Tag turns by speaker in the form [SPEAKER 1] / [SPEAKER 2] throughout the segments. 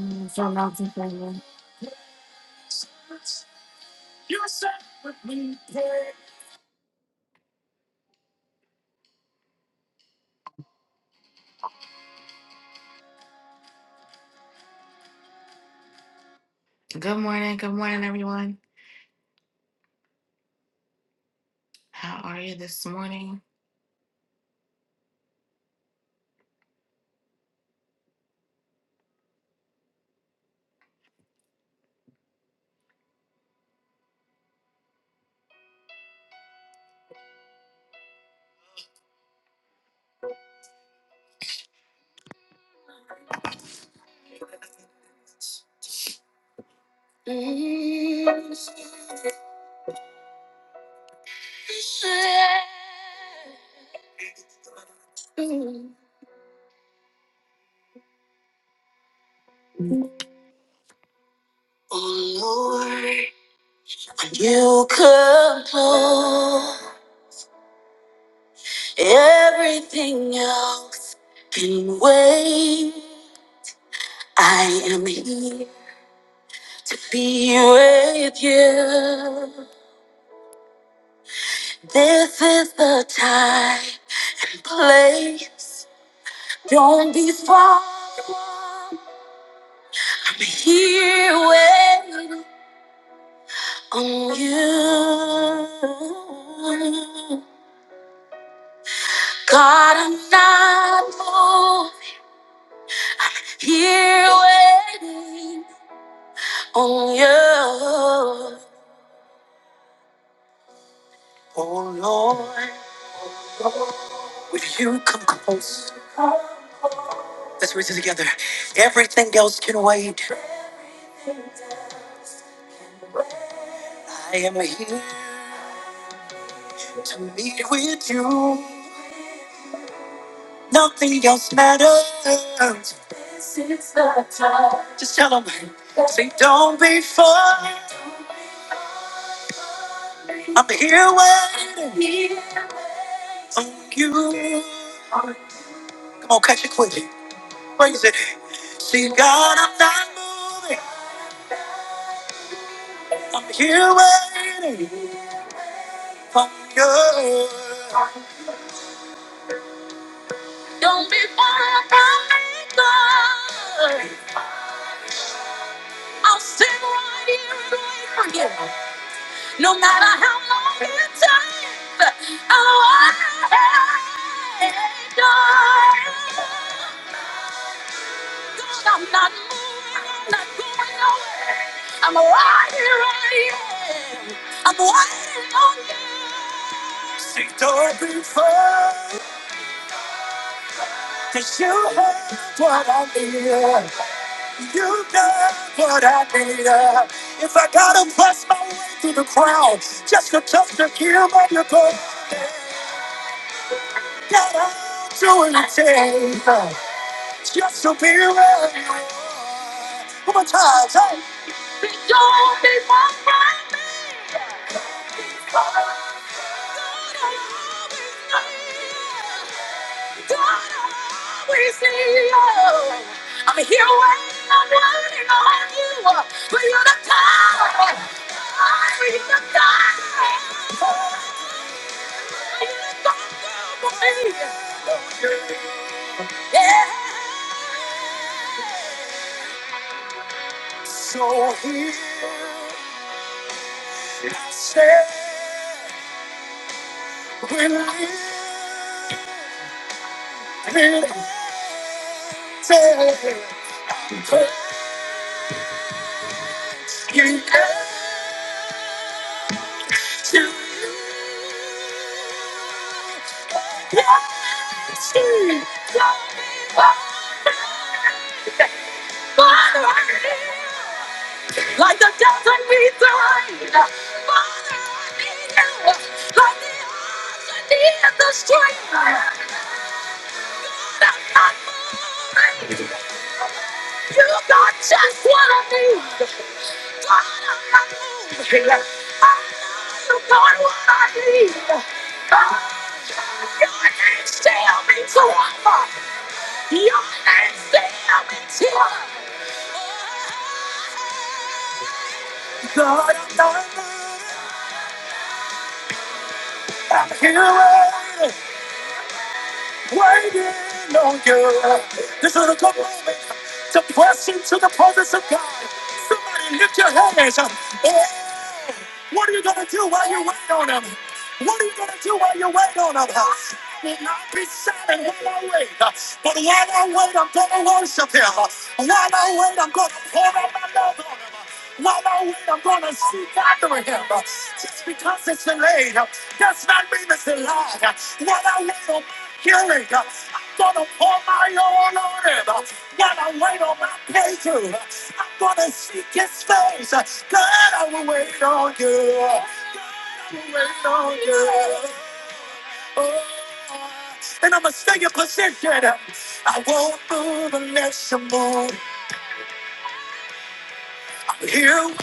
[SPEAKER 1] Mm, From mountain family. Mm. Oh Lord, when you could blow everything else can wait. I am here to be with you. This is the time and place. Don't be far. We're Here waiting on you. God, I'm not moved. Here waiting on you. Oh Lord, will you come close? Let's read it together. Everything else can wait. I am here to meet with you. Nothing else matters. Just tell them, say, don't be funny. I'm here waiting on you. Come on, catch it quick. Praise it. See, God, I'm not moving. I'm here waiting on you. Don't be funny about me, God. I'll sit right here and wait for you. No matter how long it takes, I'll wait, God. I'm not moving. I'm not going nowhere. I'm right here. I am. I'm waiting on you. Seek before. Cause you have what I need. You got what I need. If I gotta press my way through the crowd, just to touch the gear on your door, that I'll do anything. Just to be around you. One more time, hey. Seek door before. I'm here waiting, I'm waiting on you. But you're the God. You're the God. You're the God for me. Yeah. So here I stand with you. Like the desert needs the rain, Father, I need you. Like the ocean needs the stream, Lord, I'm not moving. You got just what I need. God, I'm here. waiting on you. This is a good moment to press into the presence of God. Somebody lift your hands up. Oh, what are you going to do while you wait on him? What are you going to do while you wait on him? I will not be silent while I wait. But while I wait, I'm going to worship him. While I wait, I'm going to pour out my love on him. No, no, wait, I'm gonna seek after him. Just because it's delayed uh, does not mean it's a lie. Uh, What I wait on my healing, uh, I'm gonna pour my oil on him. Uh, What I wait on my breakthrough, uh, I'm gonna seek his face. Uh, God, I will wait on you. I will Wait on you. Oh, and I'ma stay in position. Uh, I won't move unless you move. I'm here.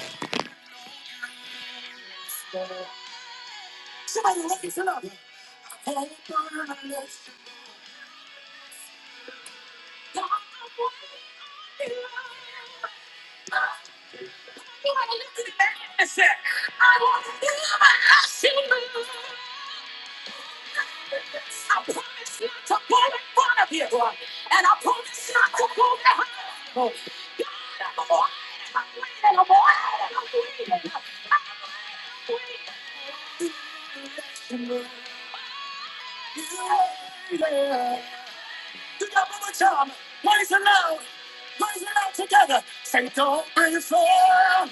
[SPEAKER 1] Somebody raise it up. I want to see my ashes burn. I promise not to put in front of you, and I promise not to put behind you. Oh, I'm bleeding, I'm bleeding, I'm bleeding. Do you remember you waited? Do you remember chanting, raising up, raising up together, singing 'Don't Break a Heart'?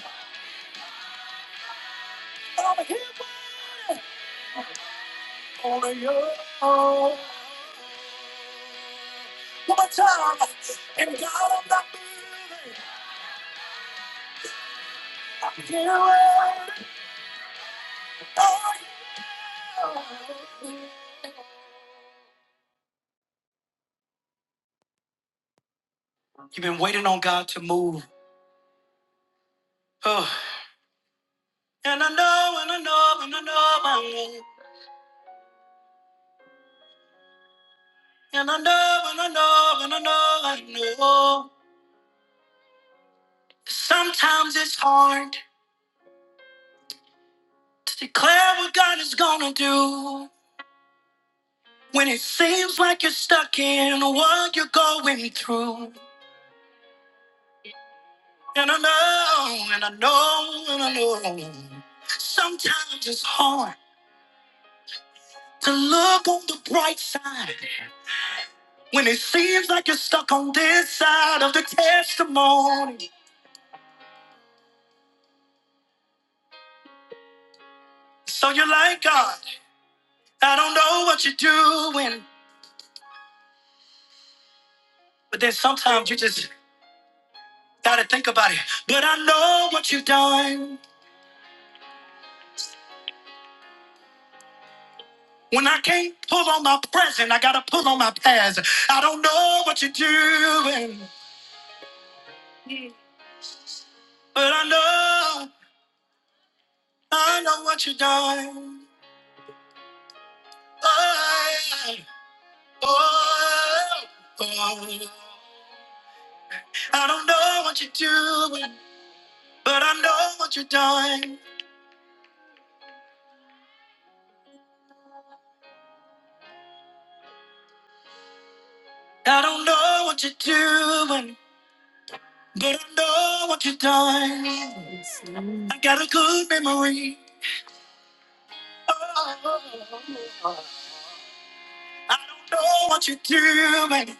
[SPEAKER 1] I'm here. for you. Oh, One more time. And God, I'm not giving up. And I know, and I know, and I know, I know. Sometimes it's hard to declare what God is gonna do when it seems like you're stuck in what you're going through. And I know, and I know, and I know. Sometimes it's hard to look on the bright side When it seems like you're stuck on this side of the testimony. So you're like, God, I don't know what you're doing. But then sometimes you just gotta think about it. But I know what you've done. When I can't pull on my present, I gotta pull on my past. I don't know what you're doing. But I know, I know what you are doing. Oh, oh, oh. I don't know what you're doing. But I know what you're doing. I don't know what you're doing. But I know what you're doing. I got a good memory. Oh, I don't know what you're doing.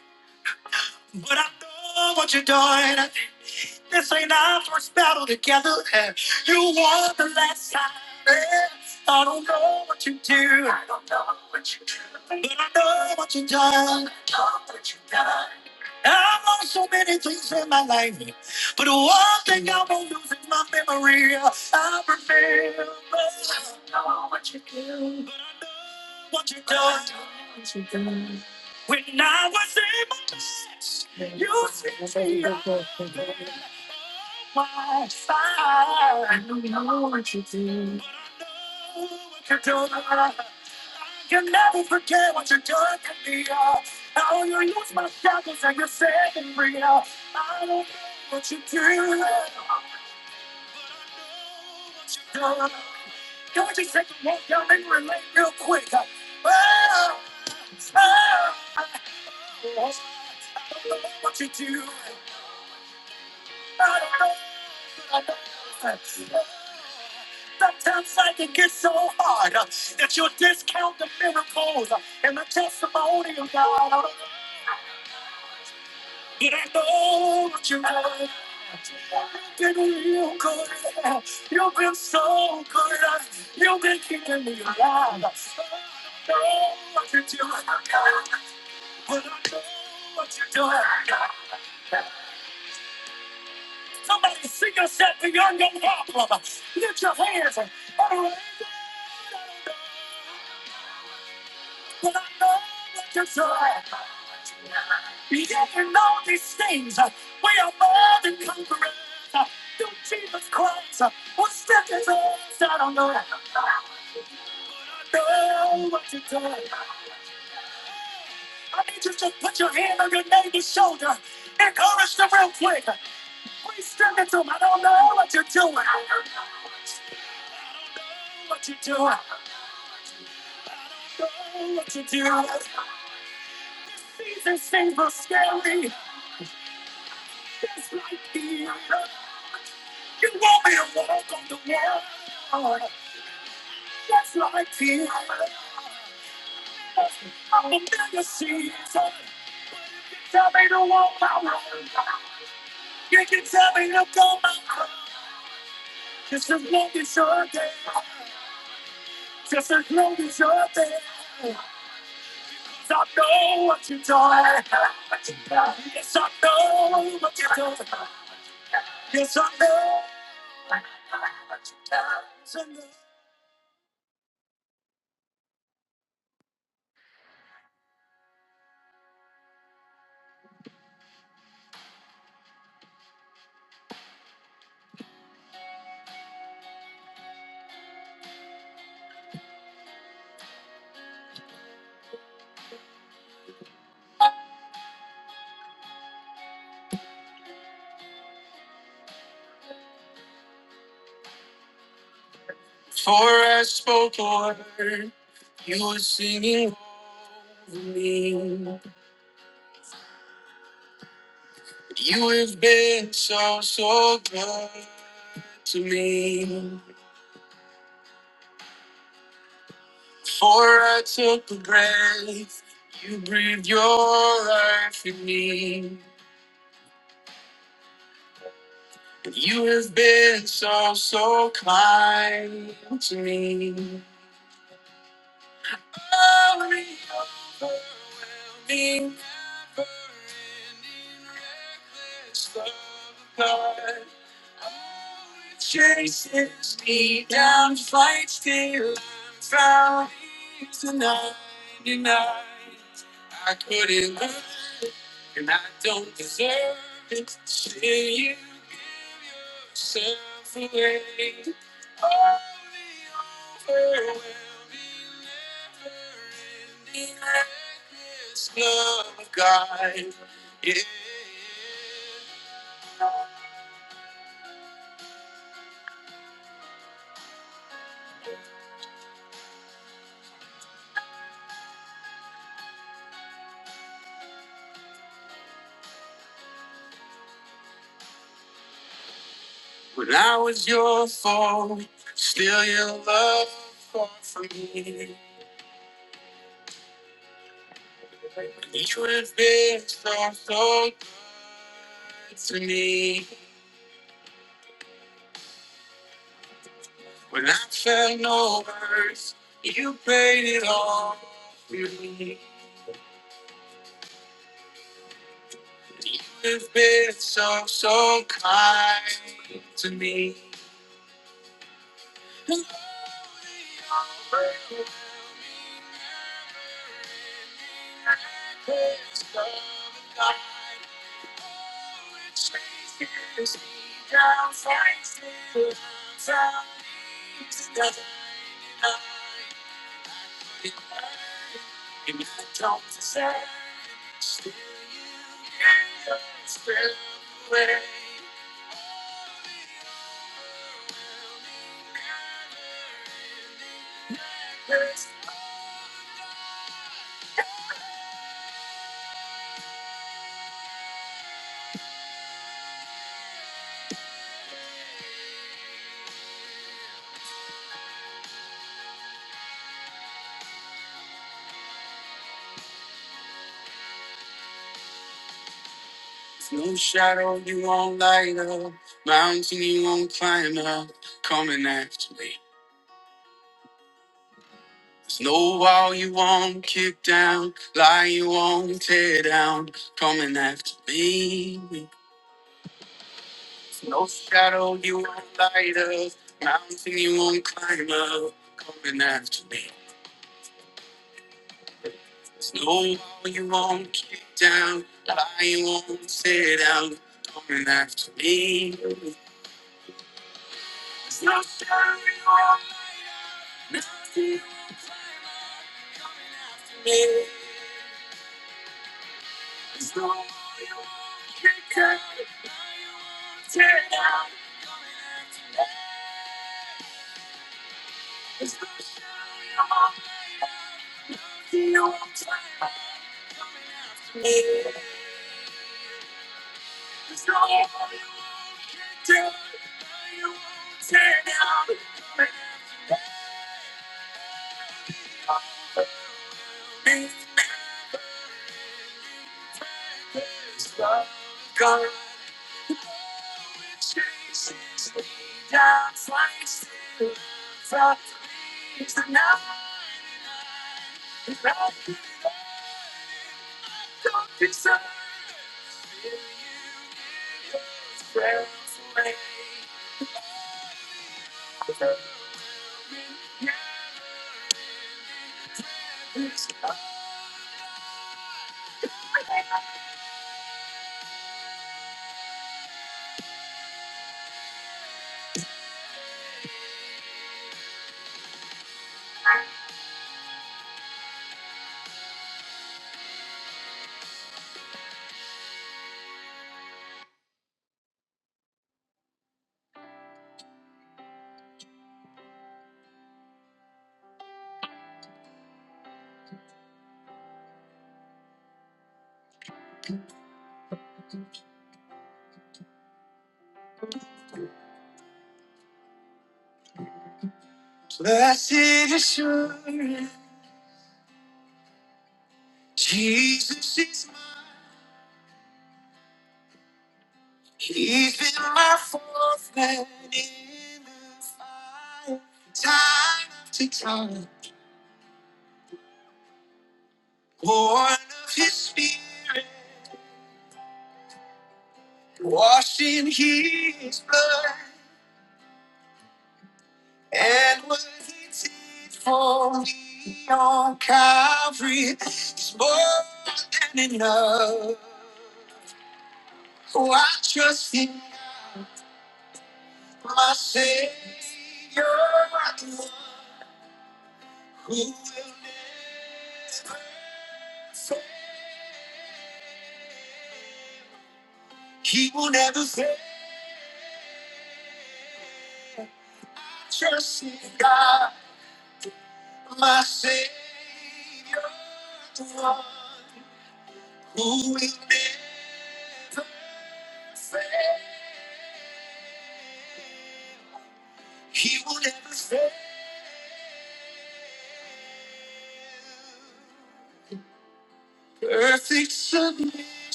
[SPEAKER 1] But I know what you're doing. This ain't our first battle together. You won the last time. I don't know what you do. I don't know what you do. But I know what you've done. I know what you've done. I lost so many things in my life, but the one thing I won't lose is my memory. I remember what you do, but I know what you do. When I was in my best, you set me up. I I know what you do, but I know what you do. Can never forget what you're doing to me. uh, How you use my shackles and you're setting me up. I don't know what you do. I don't know what you do. Can we just take a walk down memory lane real quick? uh, Oh, oh, I don't know what you do. I don't know what I know. Sometimes I can get so hard uh, that you discount the miracles uh, and the testimony of God. But I know what you have. You've been real good. You've been so good. You've been keeping me alive. I know what you do. But I know what you do. Somebody sing yourself beyond your problem. Lift your hands. But I know what you're trying. Yeah, you didn't know these things. We are more than conquerors. Through Jesus Christ, what step is all I don't know. But I know what you're doing. I need you to put your hand on your neighbor's shoulder. Encourage them real quick. Please stand it them. I don't know what you're doing. I don't know what you're doing. I don't know what you're doing. These things are scary. Just like the other. You want me to walk on the water. Just like the other. I'm a million seasons. Tell me to walk my road. You can tell me to go my road. Just as long as you're there. Just as long as you're there. Yes, I know what you're doing. Yes, I know what you're doing. Yes, I know what you're doing. It's so, so good to me. For I took a breath, you breathed your life in me. You have been so, so kind to me. Sorry for me, never so good. Chases me down, fights till I'm found. He's the 99. I couldn't live And I don't deserve it. till you give yourself away. There will the never-ending reckless love of God. It's just a fire, there's no starlight. Nothing will coming after me. There's no one can cut it. Now you won't tear it down. Coming after me. There's no one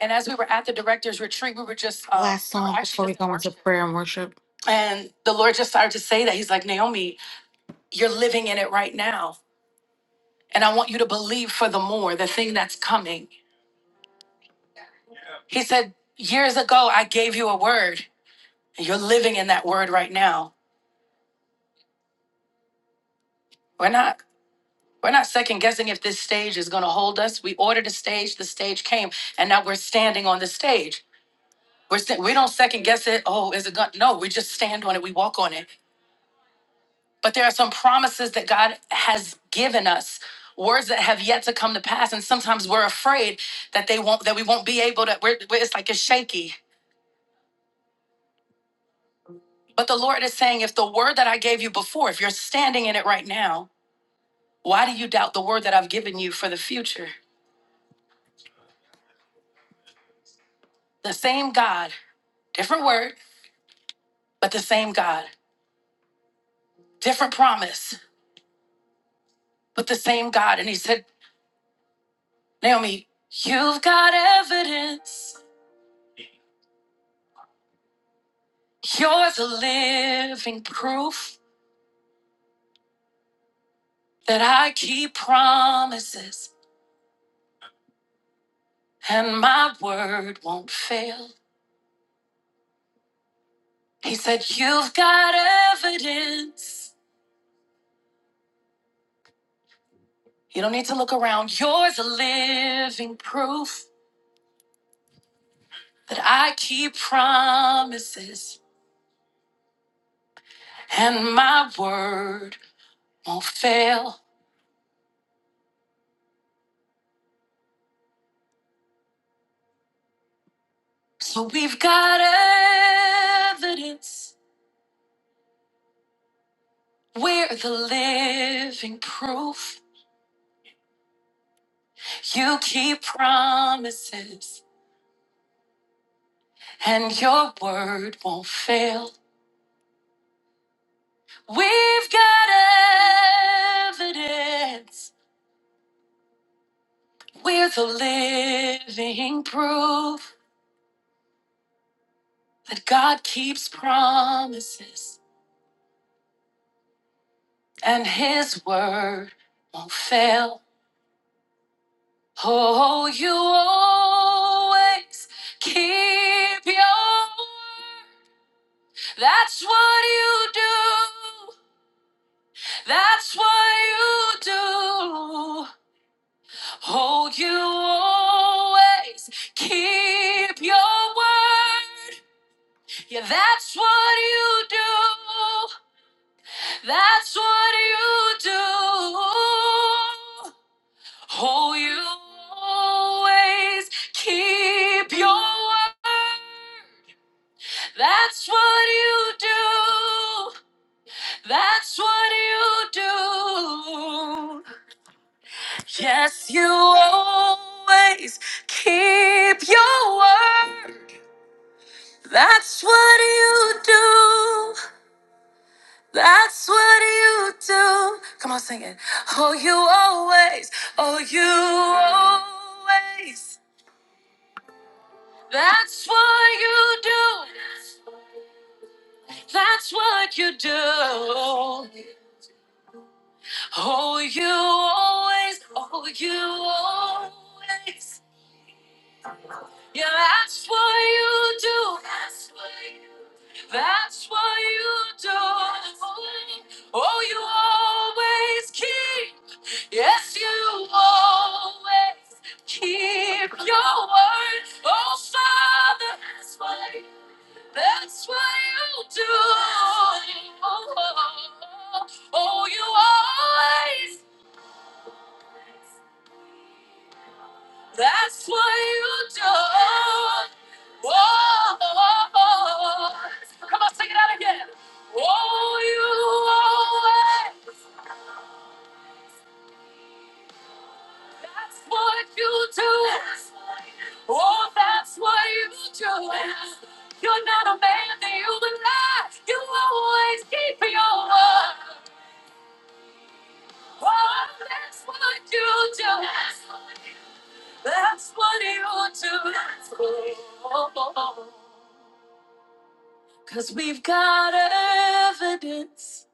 [SPEAKER 1] And as we were at the director's retreat, we were just, and the Lord just started to say that. He's like, Naomi, you're living in it right now. And I want you to believe for the more, the thing that's coming. He said, Years ago, I gave you a word, and you're living in that word right now. We're not. We're not second guessing if this stage is going to hold us. We ordered a stage, the stage came, and now we're standing on the stage. We're st- we don't second guess it. Oh, is it going? No, we just stand on it. We walk on it. but there are some promises that God has given us words that have yet to come to pass and sometimes we're afraid that they won't that we won't be able to we're, we're- it's like it's shaky but the lord is saying if the word that i gave you before if you're standing in it right now why do you doubt the word that i've given you for the future the same god different word but the same god different promise but the same god and he said naomi you've got evidence you're the living proof that I keep promises and my word won't fail. He said, You've got evidence. You don't need to look around. Yours a living proof that I keep promises and my word won't fail. So we've got evidence. We're the living proof. You keep promises and your word won't fail. We've got evidence. We're the living proof that God keeps promises and his word won't fail. Oh, you always keep your word. That's what you do. That's what you do. Hold you always, keep your word. Yeah, that's what you do. That's what you do. Hold you always, keep your word. That's what you do. That's what you do. Yes, you always keep your word. That's what you do. That's what you do. Come on, sing it. Oh, you always. Oh, you always. That's what you do. That's what you do. Oh, you always. Oh, you always. Yeah, that's what you do. That's what you do. That's what you do. Oh, you always keep. Yes, you always keep your word. Oh, Father. That's what you do. That's what you do. Oh, oh, oh, oh, oh, you always That's what you do. Oh, Come on, sing it out again. Oh, you always. That's what you do. Oh, that's what you do. You're not a man that you would lie. You always keep your word. Oh, that's what you do. That's what you do. Oh, oh, oh. Cause we've got evidence.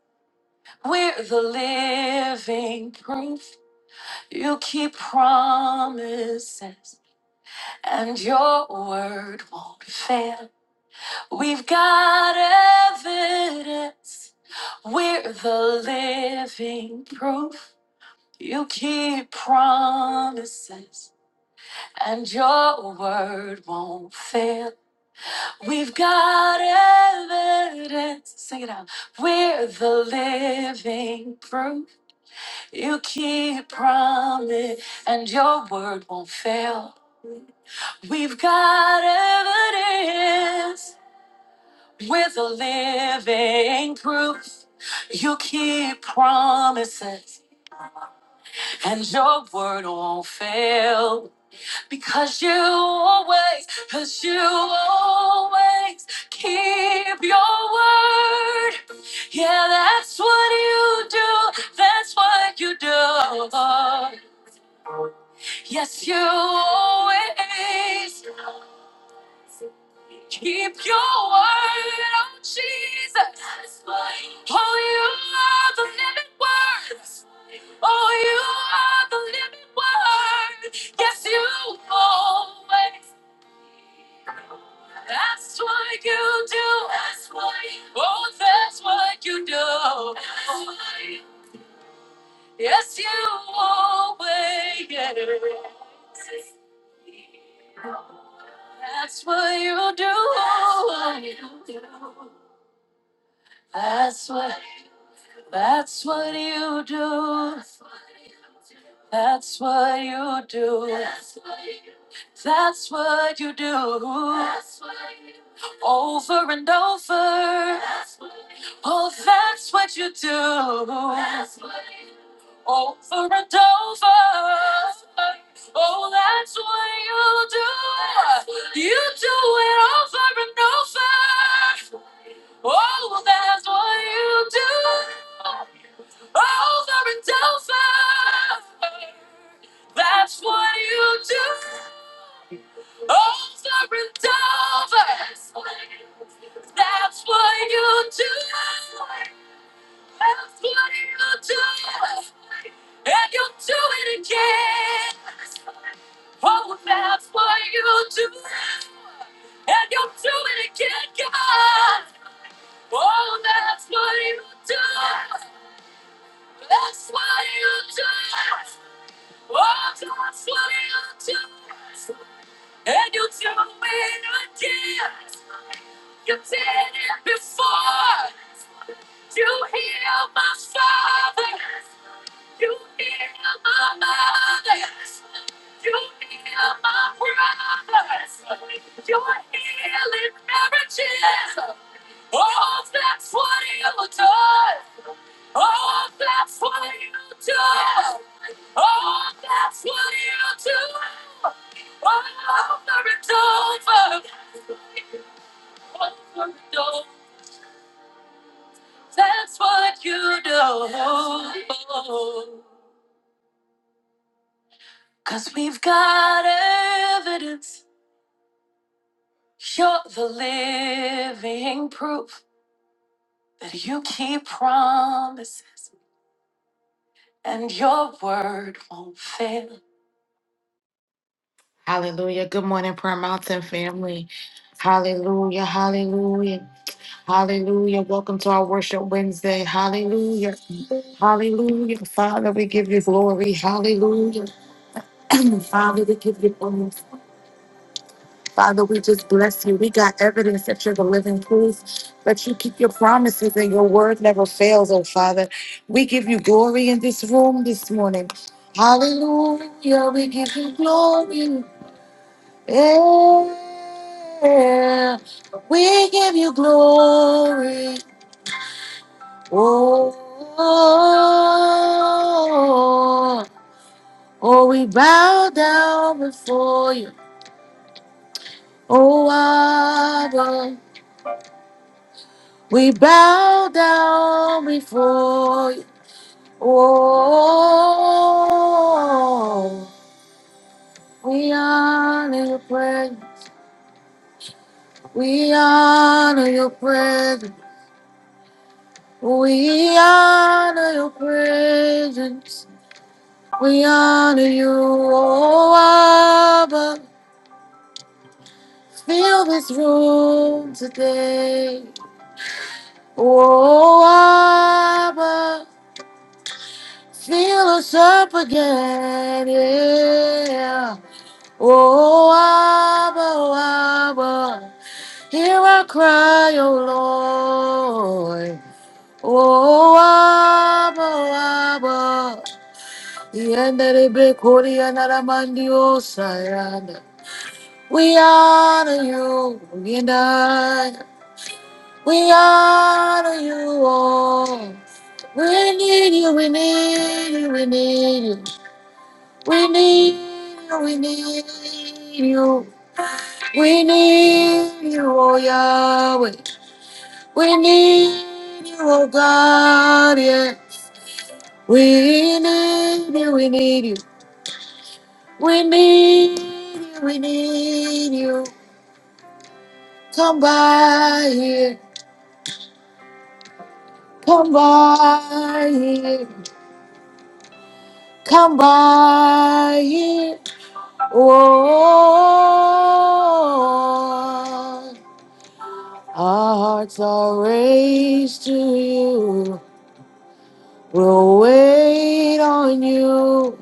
[SPEAKER 1] We're the living proof. You keep promises, and your word won't fail. We've got evidence. We're the living proof. You keep promises, and your word won't fail. We've got evidence. Sing it out. We're the living proof. You keep promise and your word won't fail. We've got evidence. We're the living proof. You keep promises and your word won't fail. Because you always, because you always keep your word. Yeah, that's what you do. That's what you do. Yes, you always keep your word. Oh, Jesus. Oh, you are the living word. Oh, you are the living word. Yes, you always. That's what you do. That's what you do. Oh, that's what you do. Yes, you always. Yeah. That's what you do. That's what. That's what you do. That's what you do. That's what you do. That's what you do. That's what you do. Over and over. That's what you do. Oh, that's what you do. That's what you do. Over and over. That's what you do. Oh, that's what you do. That's what You do. You do it over and over. Oh, that's what you do. Over and over. That's what you do. Over and over. That's what you do. That's what you do. And you do it again. Oh, that's what you do. And you do it again, God. Oh, that's what you do. That's what you do. And you tell me again, you did it before. You heal my father, you heal my mother, you heal my brothers, you are healing marriages. Oh, that's what you do. Oh, that's what you do. Oh, that's what you do. Over and over, over and over. That's what you do. Cause we've got evidence. You're the living proof that you keep promise and your word won't fail. Hallelujah. Good morning, Prayer Mountain family. Hallelujah. Hallelujah. Hallelujah. Welcome to our Worship Wednesday. Hallelujah. Hallelujah. Father, we give you glory. Hallelujah. Father, we give you glory. Father, we just bless you. We got evidence that you're the living proof, that you keep your promises and your word never fails, oh Father. We give you glory in this room this morning. Hallelujah. We give you glory. Yeah. We give you glory. Oh. Oh, we bow down before you, oh Abba. We bow down before you, oh. We honor your presence, we honor your presence, we honor your presence, we honor you, oh Abba. Fill this room today. Oh, Abba, fill us up again, yeah. Oh, Abba, oh, Abba, hear our cry, oh Lord. Oh, Abba, oh, Abba, Yandelebe Korianaramandio Sayana. We honor you, we honor you, we honor you, oh. We need you, we need you, we need you. We need you, we need you. We need you, oh Yahweh. We need you, oh God, yeah. We need you, we need you. We need you, we need you. Come by here, come by here, come by here. Oh, our hearts are raised to you. We'll wait on you.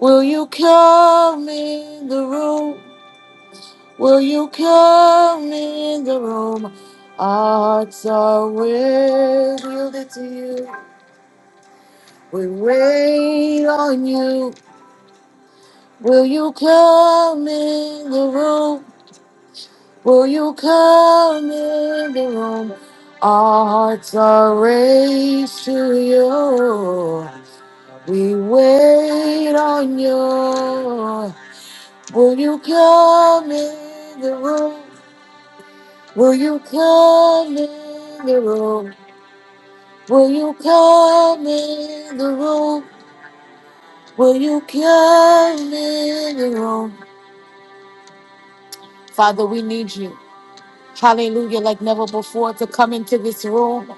[SPEAKER 1] Will you come in the room? Will you come in the room? Our hearts are yielded to you. We wait on you. Will you come in the room? Will you come in the room? Our hearts are raised to you. We wait on you. Will you come in the room? Will you come in the room? Will you come in the room? Will you come in the room? Father, we need you. Hallelujah, like never before, to come into this room.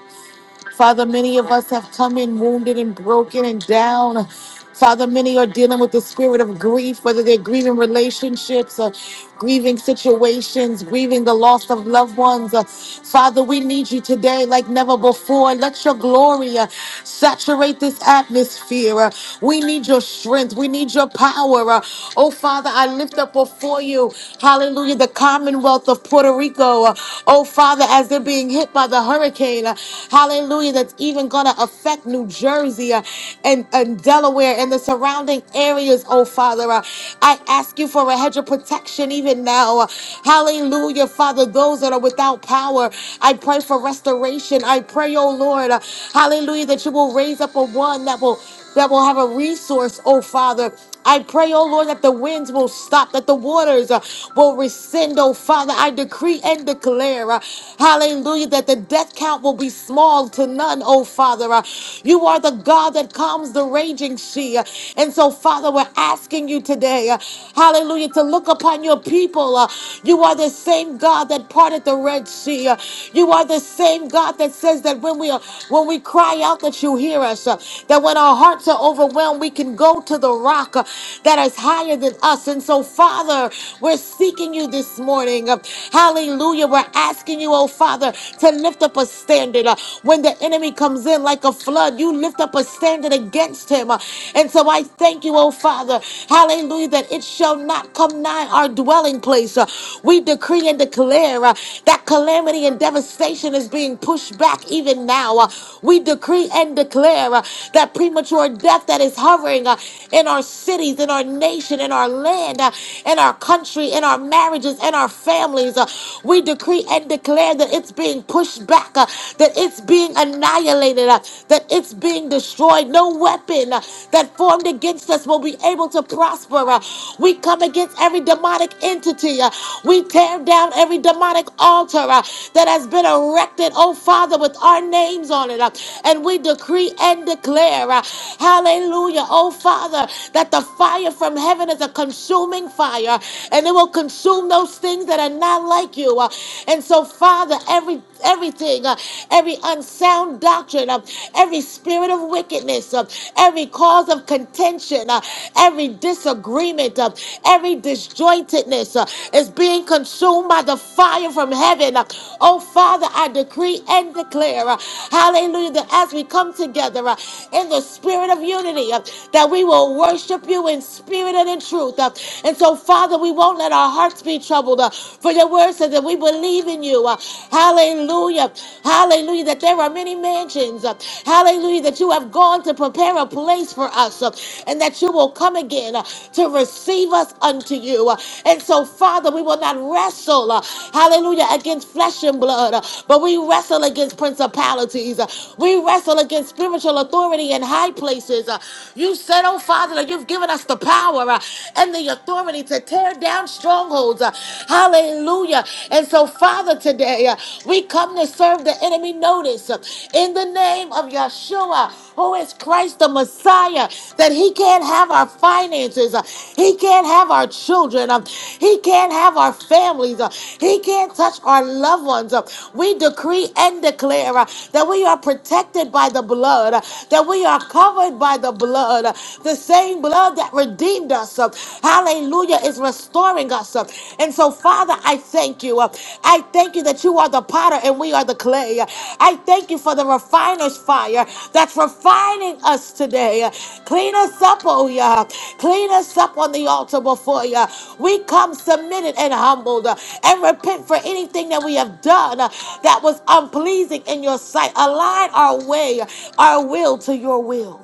[SPEAKER 1] Father, many of us have come in wounded and broken and down. Father, many are dealing with the spirit of grief, whether they're grieving relationships, uh, grieving situations, grieving the loss of loved ones. Uh, Father, we need you today like never before. Let your glory uh, saturate this atmosphere. Uh, we need your strength. We need your power. Uh, oh, Father, I lift up before you, hallelujah, the Commonwealth of Puerto Rico. Uh, oh, Father, as they're being hit by the hurricane, uh, hallelujah, that's even going to affect New Jersey. Louisiana and, and Delaware and the surrounding areas, oh Father. Uh, I ask you for a hedge of protection even now. Uh, Hallelujah, Father. Those that are without power, I pray for restoration. I pray, oh Lord, uh, hallelujah, that you will raise up a one that will that will have a resource, oh Father. I pray, oh Lord, that the winds will stop, that the waters uh, will rescind, oh Father. I decree and declare, uh, hallelujah, that the death count will be small to none, oh Father. Uh, you are the God that calms the raging sea. Uh, and so, Father, we're asking you today, uh, hallelujah, to look upon your people. Uh, you are the same God that parted the Red Sea. Uh, you are the same God that says that when we, are, when we cry out, that you hear us, uh, that when our hearts are overwhelmed, we can go to the rock rock uh, that is higher than us. And so, Father, we're seeking you this morning. Uh, Hallelujah. We're asking you, oh Father, to lift up a standard. Uh, When the enemy comes in like a flood, you lift up a standard against him. Uh, And so I thank you, oh Father. Hallelujah, that it shall not come nigh our dwelling place. Uh, We decree and declare uh, that calamity and devastation is being pushed back even now. Uh, We decree and declare uh, that premature death that is hovering. uh, in our cities, in our nation, in our land, uh, in our country, in our marriages, in our families. uh, We decree and declare that it's being pushed back, uh, that it's being annihilated, uh, that it's being destroyed. No weapon uh, that formed against us will be able to prosper. uh, We come against every demonic entity. uh, We tear down every demonic altar uh, that has been erected, oh Father, with our names on it. uh, And we decree and declare, uh, hallelujah, oh Father. Father, that the fire from heaven is a consuming fire and it will consume those things that are not like you. Uh, And so, Father, every everything, uh, every unsound doctrine, uh, every spirit of wickedness, uh, every cause of contention, uh, every disagreement, uh, every disjointedness uh, is being consumed by the fire from heaven. Uh, Oh, Father, I decree and declare, uh, hallelujah, that as we come together uh, in the spirit of unity, uh, that we will worship you in spirit and in truth. Uh, And so, Father, we won't let our hearts be troubled, uh, for your word says that we believe in you. Uh, Hallelujah. Hallelujah. That there are many mansions. Uh, Hallelujah. That you have gone to prepare a place for us uh, and that you will come again uh, to receive us unto you. Uh, And so, Father, we will not wrestle, uh, hallelujah, against flesh and blood, uh, but we wrestle against principalities. Uh, We wrestle against spiritual authority in high places. Uh, you said, oh Father, that you've given us the power uh, and the authority to tear down strongholds. uh, Hallelujah. And so, Father, today uh, we come to serve the enemy notice uh, in the name of Yeshua, who is Christ the Messiah, that he can't have our finances, uh, he can't have our children, um, he can't have our families, uh, he can't touch our loved ones. uh. We decree and declare uh, that we are protected by the blood, uh, that we are covered by by the blood. The same blood that redeemed us, uh, hallelujah, is restoring us. uh. And so, Father, I thank you. uh, I thank you that you are the potter and we are the clay. I thank you for the refiner's fire that's refining us today. Clean us up, oh yeah. Clean us up on the altar before you. We come submitted and humbled uh, and repent for anything that we have done uh, that was unpleasing in your sight. Align our way, our will to your will.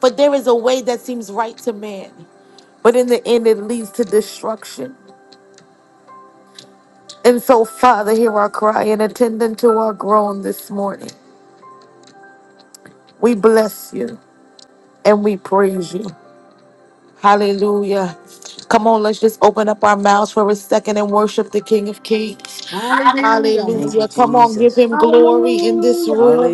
[SPEAKER 1] For there is a way that seems right to man, but in the end it leads to destruction. And so, Father, hear our cry and attend unto our groan this morning. We bless you and we praise you. Hallelujah. Come on, let's just open up our mouths for a second and worship the King of Kings.
[SPEAKER 2] Hallelujah.
[SPEAKER 3] Thank you,
[SPEAKER 1] Hallelujah. Come on, give
[SPEAKER 3] Jesus.
[SPEAKER 1] him glory in this
[SPEAKER 2] Hallelujah.
[SPEAKER 1] room.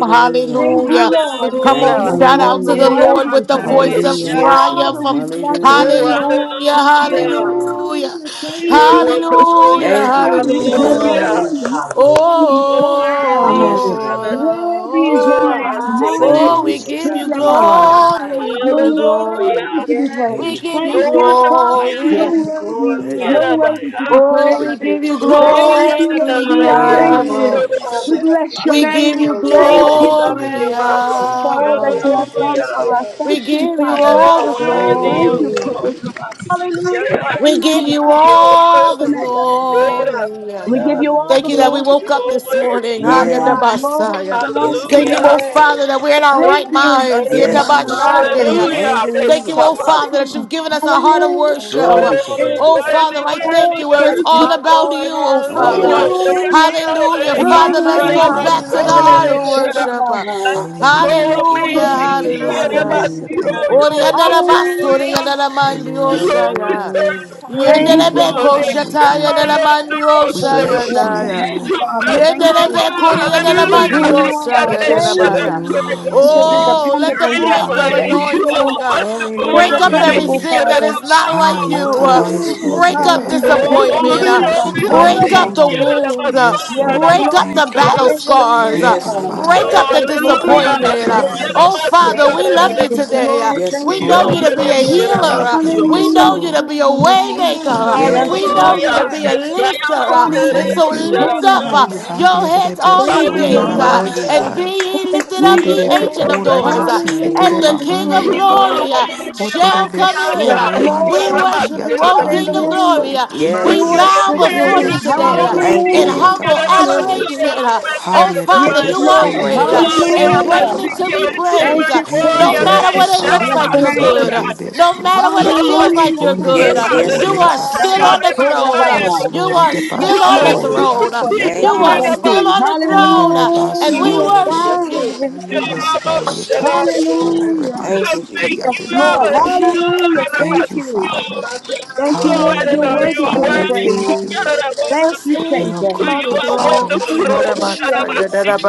[SPEAKER 2] Thank you,
[SPEAKER 1] Hallelujah.
[SPEAKER 2] Lord.
[SPEAKER 1] Come
[SPEAKER 3] Thank
[SPEAKER 1] on,
[SPEAKER 4] Hallelujah.
[SPEAKER 3] you,
[SPEAKER 2] Yes,
[SPEAKER 1] shout
[SPEAKER 3] Lord.
[SPEAKER 2] Lord,
[SPEAKER 1] out
[SPEAKER 2] you're
[SPEAKER 1] to the
[SPEAKER 5] Hallelujah.
[SPEAKER 1] Lord
[SPEAKER 2] worthy
[SPEAKER 1] with the
[SPEAKER 2] to be
[SPEAKER 1] voice
[SPEAKER 2] praised.
[SPEAKER 1] of
[SPEAKER 4] Irabanarisha.
[SPEAKER 5] Hallelujah.
[SPEAKER 3] Yes,
[SPEAKER 1] triumph.
[SPEAKER 2] Father,
[SPEAKER 3] Lord.
[SPEAKER 2] we bless
[SPEAKER 4] Oh,
[SPEAKER 3] Hallelujah.
[SPEAKER 2] you.
[SPEAKER 1] Hallelujah.
[SPEAKER 3] Thank you,
[SPEAKER 4] hallelujah.
[SPEAKER 3] Lord.
[SPEAKER 1] Hallelujah.
[SPEAKER 2] Hallelujah. Thank
[SPEAKER 4] Oh,
[SPEAKER 2] you.
[SPEAKER 4] wonderful,
[SPEAKER 1] Hallelujah.
[SPEAKER 4] yeah.
[SPEAKER 3] Thank you,
[SPEAKER 2] Worthy is your
[SPEAKER 3] Jesus.
[SPEAKER 6] Yes,
[SPEAKER 1] Hallelujah.
[SPEAKER 4] Hallelujah.
[SPEAKER 6] yes,
[SPEAKER 2] name.
[SPEAKER 6] hallelujah.
[SPEAKER 1] oh,
[SPEAKER 4] You
[SPEAKER 2] Hallelujah.
[SPEAKER 4] are worthy,
[SPEAKER 2] Forever.
[SPEAKER 6] Hallelujah.
[SPEAKER 3] Yes,
[SPEAKER 4] Father.
[SPEAKER 3] Lord.
[SPEAKER 2] Worthy is your
[SPEAKER 4] Oh,
[SPEAKER 1] oh,
[SPEAKER 4] I'm a
[SPEAKER 2] name.
[SPEAKER 3] We
[SPEAKER 1] oh,
[SPEAKER 4] sinner,
[SPEAKER 3] thank
[SPEAKER 4] it
[SPEAKER 3] you,
[SPEAKER 1] oh,
[SPEAKER 2] Hallelujah.
[SPEAKER 1] we
[SPEAKER 6] Hallelujah.
[SPEAKER 4] should
[SPEAKER 3] Lord.
[SPEAKER 1] give you
[SPEAKER 4] I.
[SPEAKER 3] Thank
[SPEAKER 6] My
[SPEAKER 3] you
[SPEAKER 2] Forever.
[SPEAKER 3] for a new
[SPEAKER 1] glory.
[SPEAKER 6] mind.
[SPEAKER 3] day,
[SPEAKER 1] We
[SPEAKER 3] Lord.
[SPEAKER 1] give
[SPEAKER 2] You're
[SPEAKER 1] you glory.
[SPEAKER 4] Hallelujah.
[SPEAKER 2] worthy to be
[SPEAKER 6] Yes.
[SPEAKER 3] Thank
[SPEAKER 1] We
[SPEAKER 2] praised.
[SPEAKER 3] you,
[SPEAKER 1] give you
[SPEAKER 2] Thank
[SPEAKER 4] Oh,
[SPEAKER 2] you,
[SPEAKER 3] Jesus.
[SPEAKER 4] wonderful,
[SPEAKER 2] Father.
[SPEAKER 4] yeah.
[SPEAKER 1] glory.
[SPEAKER 2] You're
[SPEAKER 6] Give you
[SPEAKER 2] worthy.
[SPEAKER 6] glory.
[SPEAKER 3] Bless
[SPEAKER 6] Lord.
[SPEAKER 3] your
[SPEAKER 2] You're
[SPEAKER 3] holy
[SPEAKER 2] worthy
[SPEAKER 3] name.
[SPEAKER 4] Irabaya.
[SPEAKER 2] to be
[SPEAKER 1] Oh, we
[SPEAKER 2] praised.
[SPEAKER 1] give you
[SPEAKER 4] Oh,
[SPEAKER 2] Thank you, Lord.
[SPEAKER 1] glory,
[SPEAKER 2] We
[SPEAKER 4] Mananaya.
[SPEAKER 2] honor
[SPEAKER 3] Yes,
[SPEAKER 2] you.
[SPEAKER 6] Yes,
[SPEAKER 1] Abba.
[SPEAKER 2] We
[SPEAKER 6] Father.
[SPEAKER 3] Jesus.
[SPEAKER 2] bless
[SPEAKER 4] Sirabosheraba.
[SPEAKER 2] your
[SPEAKER 1] We
[SPEAKER 6] Give you
[SPEAKER 2] name.
[SPEAKER 1] give
[SPEAKER 2] We
[SPEAKER 1] you
[SPEAKER 6] glory.
[SPEAKER 2] thank
[SPEAKER 3] Spirit
[SPEAKER 4] Oh,
[SPEAKER 2] you
[SPEAKER 3] of the living
[SPEAKER 1] glory,
[SPEAKER 3] God, we
[SPEAKER 4] Garamaya.
[SPEAKER 6] Yes,
[SPEAKER 3] thank
[SPEAKER 2] for
[SPEAKER 3] you for
[SPEAKER 2] all that
[SPEAKER 1] Abba.
[SPEAKER 3] falling
[SPEAKER 2] you have
[SPEAKER 6] yes,
[SPEAKER 3] fresh on
[SPEAKER 2] done
[SPEAKER 6] yes,
[SPEAKER 3] us
[SPEAKER 2] for
[SPEAKER 4] Hallelujah.
[SPEAKER 2] us.
[SPEAKER 3] today.
[SPEAKER 1] We
[SPEAKER 6] yes.
[SPEAKER 2] Thank you,
[SPEAKER 1] give you
[SPEAKER 4] You
[SPEAKER 2] Father.
[SPEAKER 4] are
[SPEAKER 1] all the
[SPEAKER 4] worthy
[SPEAKER 2] Thank
[SPEAKER 4] of
[SPEAKER 2] you.
[SPEAKER 1] glory.
[SPEAKER 3] Hallelujah.
[SPEAKER 6] Hallelujah.
[SPEAKER 2] Hallelujah.
[SPEAKER 4] Kokamasikiaya.
[SPEAKER 1] We
[SPEAKER 2] Thank
[SPEAKER 1] give
[SPEAKER 2] you
[SPEAKER 1] you
[SPEAKER 4] You
[SPEAKER 1] all the
[SPEAKER 6] Hallelujah.
[SPEAKER 3] Yes,
[SPEAKER 2] tonight.
[SPEAKER 4] are
[SPEAKER 3] Jesus.
[SPEAKER 1] glory.
[SPEAKER 2] We give
[SPEAKER 4] Sarabaya.
[SPEAKER 2] you all
[SPEAKER 1] Thank
[SPEAKER 2] the
[SPEAKER 1] you
[SPEAKER 6] Hallelujah.
[SPEAKER 1] that
[SPEAKER 3] Hallelujah.
[SPEAKER 1] we
[SPEAKER 2] glory.
[SPEAKER 4] You
[SPEAKER 1] woke up
[SPEAKER 4] are
[SPEAKER 1] this morning.
[SPEAKER 4] worthy.
[SPEAKER 2] It's
[SPEAKER 6] My
[SPEAKER 1] Haya da
[SPEAKER 2] blessed,
[SPEAKER 6] mind.
[SPEAKER 3] Yes.
[SPEAKER 2] Lord. It
[SPEAKER 1] basaya.
[SPEAKER 2] belongs
[SPEAKER 3] Yes,
[SPEAKER 2] to
[SPEAKER 1] Thank you,
[SPEAKER 3] Lord.
[SPEAKER 4] Hallelujah.
[SPEAKER 1] oh
[SPEAKER 2] you.
[SPEAKER 1] Father, that
[SPEAKER 6] Yes.
[SPEAKER 1] we're in our
[SPEAKER 2] Thank
[SPEAKER 4] Thank
[SPEAKER 1] right
[SPEAKER 4] you,
[SPEAKER 2] you.
[SPEAKER 1] minds. Yeta
[SPEAKER 6] My
[SPEAKER 3] Yes,
[SPEAKER 4] Paresh.
[SPEAKER 2] Yes,
[SPEAKER 6] mind.
[SPEAKER 3] Lord.
[SPEAKER 2] Lord.
[SPEAKER 6] That's
[SPEAKER 1] bashande.
[SPEAKER 6] it.
[SPEAKER 4] Hallelujah.
[SPEAKER 1] Thank you,
[SPEAKER 4] Rest
[SPEAKER 3] Hallelujah.
[SPEAKER 1] oh
[SPEAKER 4] my
[SPEAKER 2] Thank
[SPEAKER 1] Father, that you've
[SPEAKER 2] you.
[SPEAKER 1] given us a heart of worship.
[SPEAKER 2] Hallelujah.
[SPEAKER 3] Glory to your
[SPEAKER 4] Oh,
[SPEAKER 6] Yes.
[SPEAKER 1] Oh
[SPEAKER 3] name.
[SPEAKER 4] worthy,
[SPEAKER 1] Father, I thank
[SPEAKER 4] worthy,
[SPEAKER 2] Lord,
[SPEAKER 1] you where it's
[SPEAKER 2] thank you.
[SPEAKER 1] all
[SPEAKER 6] My
[SPEAKER 4] worthy.
[SPEAKER 1] about
[SPEAKER 6] Lord.
[SPEAKER 1] you, oh
[SPEAKER 3] All
[SPEAKER 4] You
[SPEAKER 1] Father.
[SPEAKER 4] are
[SPEAKER 6] Hallelujah.
[SPEAKER 3] about you,
[SPEAKER 4] worthy,
[SPEAKER 2] Hallelujah.
[SPEAKER 3] Jesus.
[SPEAKER 1] Hallelujah.
[SPEAKER 4] Yahweh.
[SPEAKER 6] My
[SPEAKER 1] Father, let's
[SPEAKER 6] mind.
[SPEAKER 7] Thank
[SPEAKER 1] go
[SPEAKER 7] you,
[SPEAKER 2] Hallelujah.
[SPEAKER 4] Yahweh,
[SPEAKER 7] Lord.
[SPEAKER 1] back to the
[SPEAKER 6] Hallelujah.
[SPEAKER 1] heart of
[SPEAKER 7] Hallelujah.
[SPEAKER 1] worship.
[SPEAKER 6] Hallelujah.
[SPEAKER 7] Hallelujah.
[SPEAKER 4] Oh,
[SPEAKER 2] Yes,
[SPEAKER 3] Thank you,
[SPEAKER 1] Hallelujah.
[SPEAKER 2] Lord.
[SPEAKER 4] amazing.
[SPEAKER 2] We bless
[SPEAKER 6] Hallelujah.
[SPEAKER 2] your
[SPEAKER 1] Hallelujah.
[SPEAKER 3] Jesus.
[SPEAKER 2] name.
[SPEAKER 7] Hallelujah.
[SPEAKER 4] Yerebasiro,
[SPEAKER 7] Thank you,
[SPEAKER 4] You are
[SPEAKER 7] Lord.
[SPEAKER 1] Oriandala
[SPEAKER 4] wonderful,
[SPEAKER 1] bastori
[SPEAKER 2] Hallelujah.
[SPEAKER 4] Yahweh.
[SPEAKER 1] yandala
[SPEAKER 7] Hallelujah.
[SPEAKER 1] mandiosa
[SPEAKER 4] Lord,
[SPEAKER 1] ya.
[SPEAKER 4] return
[SPEAKER 3] Hallelujah.
[SPEAKER 4] where you
[SPEAKER 2] Thank
[SPEAKER 1] Yendele
[SPEAKER 2] you,
[SPEAKER 7] Hallelujah.
[SPEAKER 4] are.
[SPEAKER 1] beko
[SPEAKER 7] Father,
[SPEAKER 2] Lord.
[SPEAKER 7] we
[SPEAKER 1] shata
[SPEAKER 7] thank
[SPEAKER 1] yandala
[SPEAKER 7] you. We
[SPEAKER 2] So we
[SPEAKER 1] mandiosa
[SPEAKER 2] just
[SPEAKER 3] Thank
[SPEAKER 7] bless
[SPEAKER 3] you,
[SPEAKER 4] Ekyamarandorosherosh.
[SPEAKER 2] bless
[SPEAKER 7] your
[SPEAKER 2] your
[SPEAKER 3] God.
[SPEAKER 1] yanaya.
[SPEAKER 7] name, oh
[SPEAKER 2] name, Father.
[SPEAKER 7] Father.
[SPEAKER 4] Blessed are you,
[SPEAKER 2] Thank
[SPEAKER 1] Yendele
[SPEAKER 2] you
[SPEAKER 1] beko yandala
[SPEAKER 2] for who
[SPEAKER 4] hallelujah.
[SPEAKER 7] Hallelujah.
[SPEAKER 2] you
[SPEAKER 1] mandiosa
[SPEAKER 2] are.
[SPEAKER 3] You go
[SPEAKER 1] yandala
[SPEAKER 2] Thank
[SPEAKER 3] Sunday
[SPEAKER 1] baya.
[SPEAKER 2] you
[SPEAKER 4] Ekyaresherekor.
[SPEAKER 7] Hallelujah.
[SPEAKER 3] by.
[SPEAKER 7] Yes,
[SPEAKER 2] because
[SPEAKER 3] Yes,
[SPEAKER 2] you're
[SPEAKER 7] Lord.
[SPEAKER 1] Oh, let the
[SPEAKER 2] dependable,
[SPEAKER 4] Great
[SPEAKER 3] Jesus.
[SPEAKER 4] and
[SPEAKER 2] God.
[SPEAKER 1] breaker
[SPEAKER 4] mighty,
[SPEAKER 2] Thank
[SPEAKER 7] Hallelujah.
[SPEAKER 4] you are
[SPEAKER 2] you
[SPEAKER 1] anointing uh,
[SPEAKER 4] wonderful,
[SPEAKER 2] for
[SPEAKER 1] break up
[SPEAKER 3] Hallelujah.
[SPEAKER 4] Yahweh.
[SPEAKER 2] dependable,
[SPEAKER 7] Hallelujah.
[SPEAKER 1] everything that
[SPEAKER 2] Father.
[SPEAKER 1] is not
[SPEAKER 7] Ah,
[SPEAKER 1] like you.
[SPEAKER 7] yata
[SPEAKER 1] uh,
[SPEAKER 4] Ekyarosheroba.
[SPEAKER 7] manso
[SPEAKER 2] Hallelujah.
[SPEAKER 7] de
[SPEAKER 3] Yes.
[SPEAKER 1] break up
[SPEAKER 7] debai.
[SPEAKER 4] Hallelujah.
[SPEAKER 1] disappointment.
[SPEAKER 7] Yes,
[SPEAKER 1] uh,
[SPEAKER 7] Lord, we thank
[SPEAKER 1] break
[SPEAKER 3] Thank you,
[SPEAKER 1] up
[SPEAKER 7] you.
[SPEAKER 1] the
[SPEAKER 3] Lord.
[SPEAKER 2] Hallelujah.
[SPEAKER 1] wound. uh,
[SPEAKER 7] Yes,
[SPEAKER 2] Yes,
[SPEAKER 7] Lord, we
[SPEAKER 1] break up up
[SPEAKER 2] Lord.
[SPEAKER 1] the
[SPEAKER 7] thank you.
[SPEAKER 1] battle scars, uh,
[SPEAKER 7] Thank
[SPEAKER 3] Yes,
[SPEAKER 7] you,
[SPEAKER 2] Hallelujah.
[SPEAKER 3] Lord
[SPEAKER 7] Father.
[SPEAKER 1] break up
[SPEAKER 3] Jesus.
[SPEAKER 1] the
[SPEAKER 2] Yes, Lord.
[SPEAKER 7] Thank you,
[SPEAKER 1] disappointment. uh.
[SPEAKER 7] Father.
[SPEAKER 6] Yes,
[SPEAKER 1] Oh,
[SPEAKER 7] Yes, Lord,
[SPEAKER 1] Father,
[SPEAKER 7] we
[SPEAKER 1] we
[SPEAKER 6] yes,
[SPEAKER 1] love
[SPEAKER 6] yes,
[SPEAKER 1] you
[SPEAKER 7] thank
[SPEAKER 2] Yes,
[SPEAKER 7] you.
[SPEAKER 1] today. uh.
[SPEAKER 6] yes,
[SPEAKER 2] Lord.
[SPEAKER 3] Yes,
[SPEAKER 2] Thank
[SPEAKER 1] We
[SPEAKER 3] Lord.
[SPEAKER 1] know
[SPEAKER 2] you.
[SPEAKER 7] Oh,
[SPEAKER 1] you to be a
[SPEAKER 7] Father, we
[SPEAKER 1] healer.
[SPEAKER 6] yes.
[SPEAKER 1] uh.
[SPEAKER 7] thank you.
[SPEAKER 1] We
[SPEAKER 7] Yes,
[SPEAKER 1] know
[SPEAKER 2] Hallelujah.
[SPEAKER 1] you
[SPEAKER 7] Lord.
[SPEAKER 1] to be a
[SPEAKER 2] Hallelujah.
[SPEAKER 1] waymaker.
[SPEAKER 7] We
[SPEAKER 6] Mm.
[SPEAKER 2] Yes,
[SPEAKER 7] thank
[SPEAKER 1] uh.
[SPEAKER 7] you,
[SPEAKER 1] We
[SPEAKER 3] Yes,
[SPEAKER 1] know
[SPEAKER 7] Father.
[SPEAKER 1] you to be
[SPEAKER 3] Jesus.
[SPEAKER 2] Lord.
[SPEAKER 1] a lifter.
[SPEAKER 2] You
[SPEAKER 1] uh.
[SPEAKER 2] are
[SPEAKER 7] We
[SPEAKER 1] And
[SPEAKER 2] the
[SPEAKER 1] so
[SPEAKER 7] thank you.
[SPEAKER 1] lift up uh,
[SPEAKER 2] Lord.
[SPEAKER 1] your heads, all ye
[SPEAKER 2] Thank
[SPEAKER 7] Hadirebesu
[SPEAKER 2] you,
[SPEAKER 6] My
[SPEAKER 1] gates,
[SPEAKER 2] Lord.
[SPEAKER 3] Oh,
[SPEAKER 1] uh,
[SPEAKER 3] ye
[SPEAKER 6] mind,
[SPEAKER 1] and be
[SPEAKER 7] nanamansai.
[SPEAKER 3] gates.
[SPEAKER 1] ye
[SPEAKER 2] Thank
[SPEAKER 1] lifted up,
[SPEAKER 2] you,
[SPEAKER 1] ye
[SPEAKER 2] Lord.
[SPEAKER 1] ancient of
[SPEAKER 7] Oderebeku
[SPEAKER 1] doors, uh,
[SPEAKER 7] remansi
[SPEAKER 1] and the
[SPEAKER 7] etedeba
[SPEAKER 2] Hallelujah,
[SPEAKER 3] Hallelujah.
[SPEAKER 1] King of
[SPEAKER 4] You
[SPEAKER 7] ondereba.
[SPEAKER 4] are
[SPEAKER 1] glory uh,
[SPEAKER 2] hallelujah.
[SPEAKER 1] shall
[SPEAKER 4] worthy, mighty
[SPEAKER 1] come
[SPEAKER 6] my
[SPEAKER 7] Oderebesu
[SPEAKER 1] in.
[SPEAKER 2] Yes,
[SPEAKER 1] uh.
[SPEAKER 6] Lord,
[SPEAKER 1] We
[SPEAKER 7] remansi
[SPEAKER 2] Lord.
[SPEAKER 1] worship you,
[SPEAKER 7] kiyate
[SPEAKER 1] O
[SPEAKER 4] God.
[SPEAKER 1] King of
[SPEAKER 2] Hallelujah.
[SPEAKER 1] glory.
[SPEAKER 7] andioso.
[SPEAKER 1] Uh,
[SPEAKER 6] my
[SPEAKER 2] We
[SPEAKER 1] We
[SPEAKER 3] Yes.
[SPEAKER 6] mind.
[SPEAKER 7] Yes,
[SPEAKER 1] bow
[SPEAKER 2] worship
[SPEAKER 7] Lord,
[SPEAKER 1] before you
[SPEAKER 2] you.
[SPEAKER 6] Yes, we
[SPEAKER 7] idebesu
[SPEAKER 1] today uh,
[SPEAKER 6] do.
[SPEAKER 3] Thank
[SPEAKER 1] in
[SPEAKER 3] you,
[SPEAKER 7] nderebaku
[SPEAKER 2] Hallelujah.
[SPEAKER 3] Lord.
[SPEAKER 1] humble
[SPEAKER 7] yatamanso.
[SPEAKER 2] Hallelujah.
[SPEAKER 1] adoration. Uh,
[SPEAKER 6] Hallelujah.
[SPEAKER 1] Oh Father,
[SPEAKER 2] Yes,
[SPEAKER 1] you
[SPEAKER 6] Yes,
[SPEAKER 1] are
[SPEAKER 2] Lord.
[SPEAKER 7] Hadirebesu
[SPEAKER 1] great uh,
[SPEAKER 6] yes,
[SPEAKER 1] and
[SPEAKER 7] rebasi
[SPEAKER 6] yes.
[SPEAKER 2] Hallelujah.
[SPEAKER 1] greatly to be
[SPEAKER 7] anamandioso.
[SPEAKER 2] Thank
[SPEAKER 1] praised. Uh,
[SPEAKER 2] you,
[SPEAKER 6] My
[SPEAKER 3] Thank
[SPEAKER 6] Lord,
[SPEAKER 3] you,
[SPEAKER 7] We
[SPEAKER 1] No
[SPEAKER 2] Savior.
[SPEAKER 6] we
[SPEAKER 1] matter
[SPEAKER 7] thank you,
[SPEAKER 1] what
[SPEAKER 3] Jesus.
[SPEAKER 1] it
[SPEAKER 6] thank
[SPEAKER 1] looks
[SPEAKER 2] Bless
[SPEAKER 7] Father.
[SPEAKER 6] you.
[SPEAKER 1] like,
[SPEAKER 2] the
[SPEAKER 1] you're good.
[SPEAKER 2] name.
[SPEAKER 1] Uh, No
[SPEAKER 7] Etedebesu.
[SPEAKER 1] matter what it feels
[SPEAKER 6] Hallelujah.
[SPEAKER 1] like,
[SPEAKER 2] Hallelujah.
[SPEAKER 1] you're good.
[SPEAKER 3] Yes,
[SPEAKER 1] Uh,
[SPEAKER 2] Hallelujah.
[SPEAKER 7] Onderebeku
[SPEAKER 3] yes,
[SPEAKER 1] You are
[SPEAKER 3] yes.
[SPEAKER 1] still
[SPEAKER 7] nerabasi.
[SPEAKER 1] on the
[SPEAKER 6] Hallelujah.
[SPEAKER 1] throne. Uh,
[SPEAKER 7] Yes,
[SPEAKER 2] Rabba-so-rabba.
[SPEAKER 1] You
[SPEAKER 7] Lord.
[SPEAKER 1] are
[SPEAKER 7] Ete
[SPEAKER 2] Yes,
[SPEAKER 1] still on the
[SPEAKER 7] baso
[SPEAKER 2] Lord.
[SPEAKER 6] Hallelujah.
[SPEAKER 1] throne. Uh,
[SPEAKER 2] You are
[SPEAKER 7] rebaki
[SPEAKER 1] You
[SPEAKER 3] Thank you,
[SPEAKER 1] are
[SPEAKER 7] adadama.
[SPEAKER 4] Shut
[SPEAKER 3] Lord.
[SPEAKER 1] still
[SPEAKER 4] up,
[SPEAKER 2] sovereignty.
[SPEAKER 1] on the
[SPEAKER 7] Honde
[SPEAKER 1] throne.
[SPEAKER 7] le
[SPEAKER 1] Uh, And
[SPEAKER 2] Hallelujah.
[SPEAKER 1] we
[SPEAKER 2] You
[SPEAKER 7] baso rebe.
[SPEAKER 1] worship
[SPEAKER 3] Thank
[SPEAKER 2] are
[SPEAKER 6] Hallelujah.
[SPEAKER 1] you.
[SPEAKER 2] sovereignty.
[SPEAKER 6] Hallelujah.
[SPEAKER 7] Yes, Lord. Ete
[SPEAKER 6] Yes,
[SPEAKER 4] I
[SPEAKER 6] we
[SPEAKER 7] baso
[SPEAKER 6] are.
[SPEAKER 2] Hallelujah.
[SPEAKER 3] you, Jesus.
[SPEAKER 7] remansiki
[SPEAKER 4] thank
[SPEAKER 2] Yes,
[SPEAKER 4] you,
[SPEAKER 2] Lord.
[SPEAKER 7] adadama.
[SPEAKER 4] Abba. You
[SPEAKER 6] Hallelujah.
[SPEAKER 7] We
[SPEAKER 2] Hallelujah.
[SPEAKER 4] are the
[SPEAKER 2] Thank
[SPEAKER 7] thank
[SPEAKER 4] best.
[SPEAKER 7] you,
[SPEAKER 2] you.
[SPEAKER 4] You,
[SPEAKER 7] Father.
[SPEAKER 6] My mind
[SPEAKER 2] Thank you,
[SPEAKER 4] oh, I
[SPEAKER 6] is
[SPEAKER 2] Lord.
[SPEAKER 4] do
[SPEAKER 2] You're
[SPEAKER 7] Hallelujah.
[SPEAKER 4] you
[SPEAKER 2] worthy
[SPEAKER 4] are
[SPEAKER 2] to
[SPEAKER 7] Father,
[SPEAKER 2] be
[SPEAKER 7] we
[SPEAKER 4] worthy.
[SPEAKER 2] praised.
[SPEAKER 7] thank
[SPEAKER 4] You
[SPEAKER 7] you
[SPEAKER 3] Hallelujah.
[SPEAKER 4] are
[SPEAKER 6] hallelujah.
[SPEAKER 1] We're
[SPEAKER 2] Thank
[SPEAKER 4] the
[SPEAKER 2] you,
[SPEAKER 7] for
[SPEAKER 4] best.
[SPEAKER 1] still
[SPEAKER 7] being a
[SPEAKER 2] Savior.
[SPEAKER 4] You
[SPEAKER 7] good,
[SPEAKER 1] on the
[SPEAKER 7] good
[SPEAKER 4] are
[SPEAKER 7] Father.
[SPEAKER 1] throne.
[SPEAKER 7] We
[SPEAKER 4] wonderful.
[SPEAKER 1] What
[SPEAKER 4] Oh,
[SPEAKER 7] thank you.
[SPEAKER 1] about
[SPEAKER 4] shut
[SPEAKER 2] Hallelujah.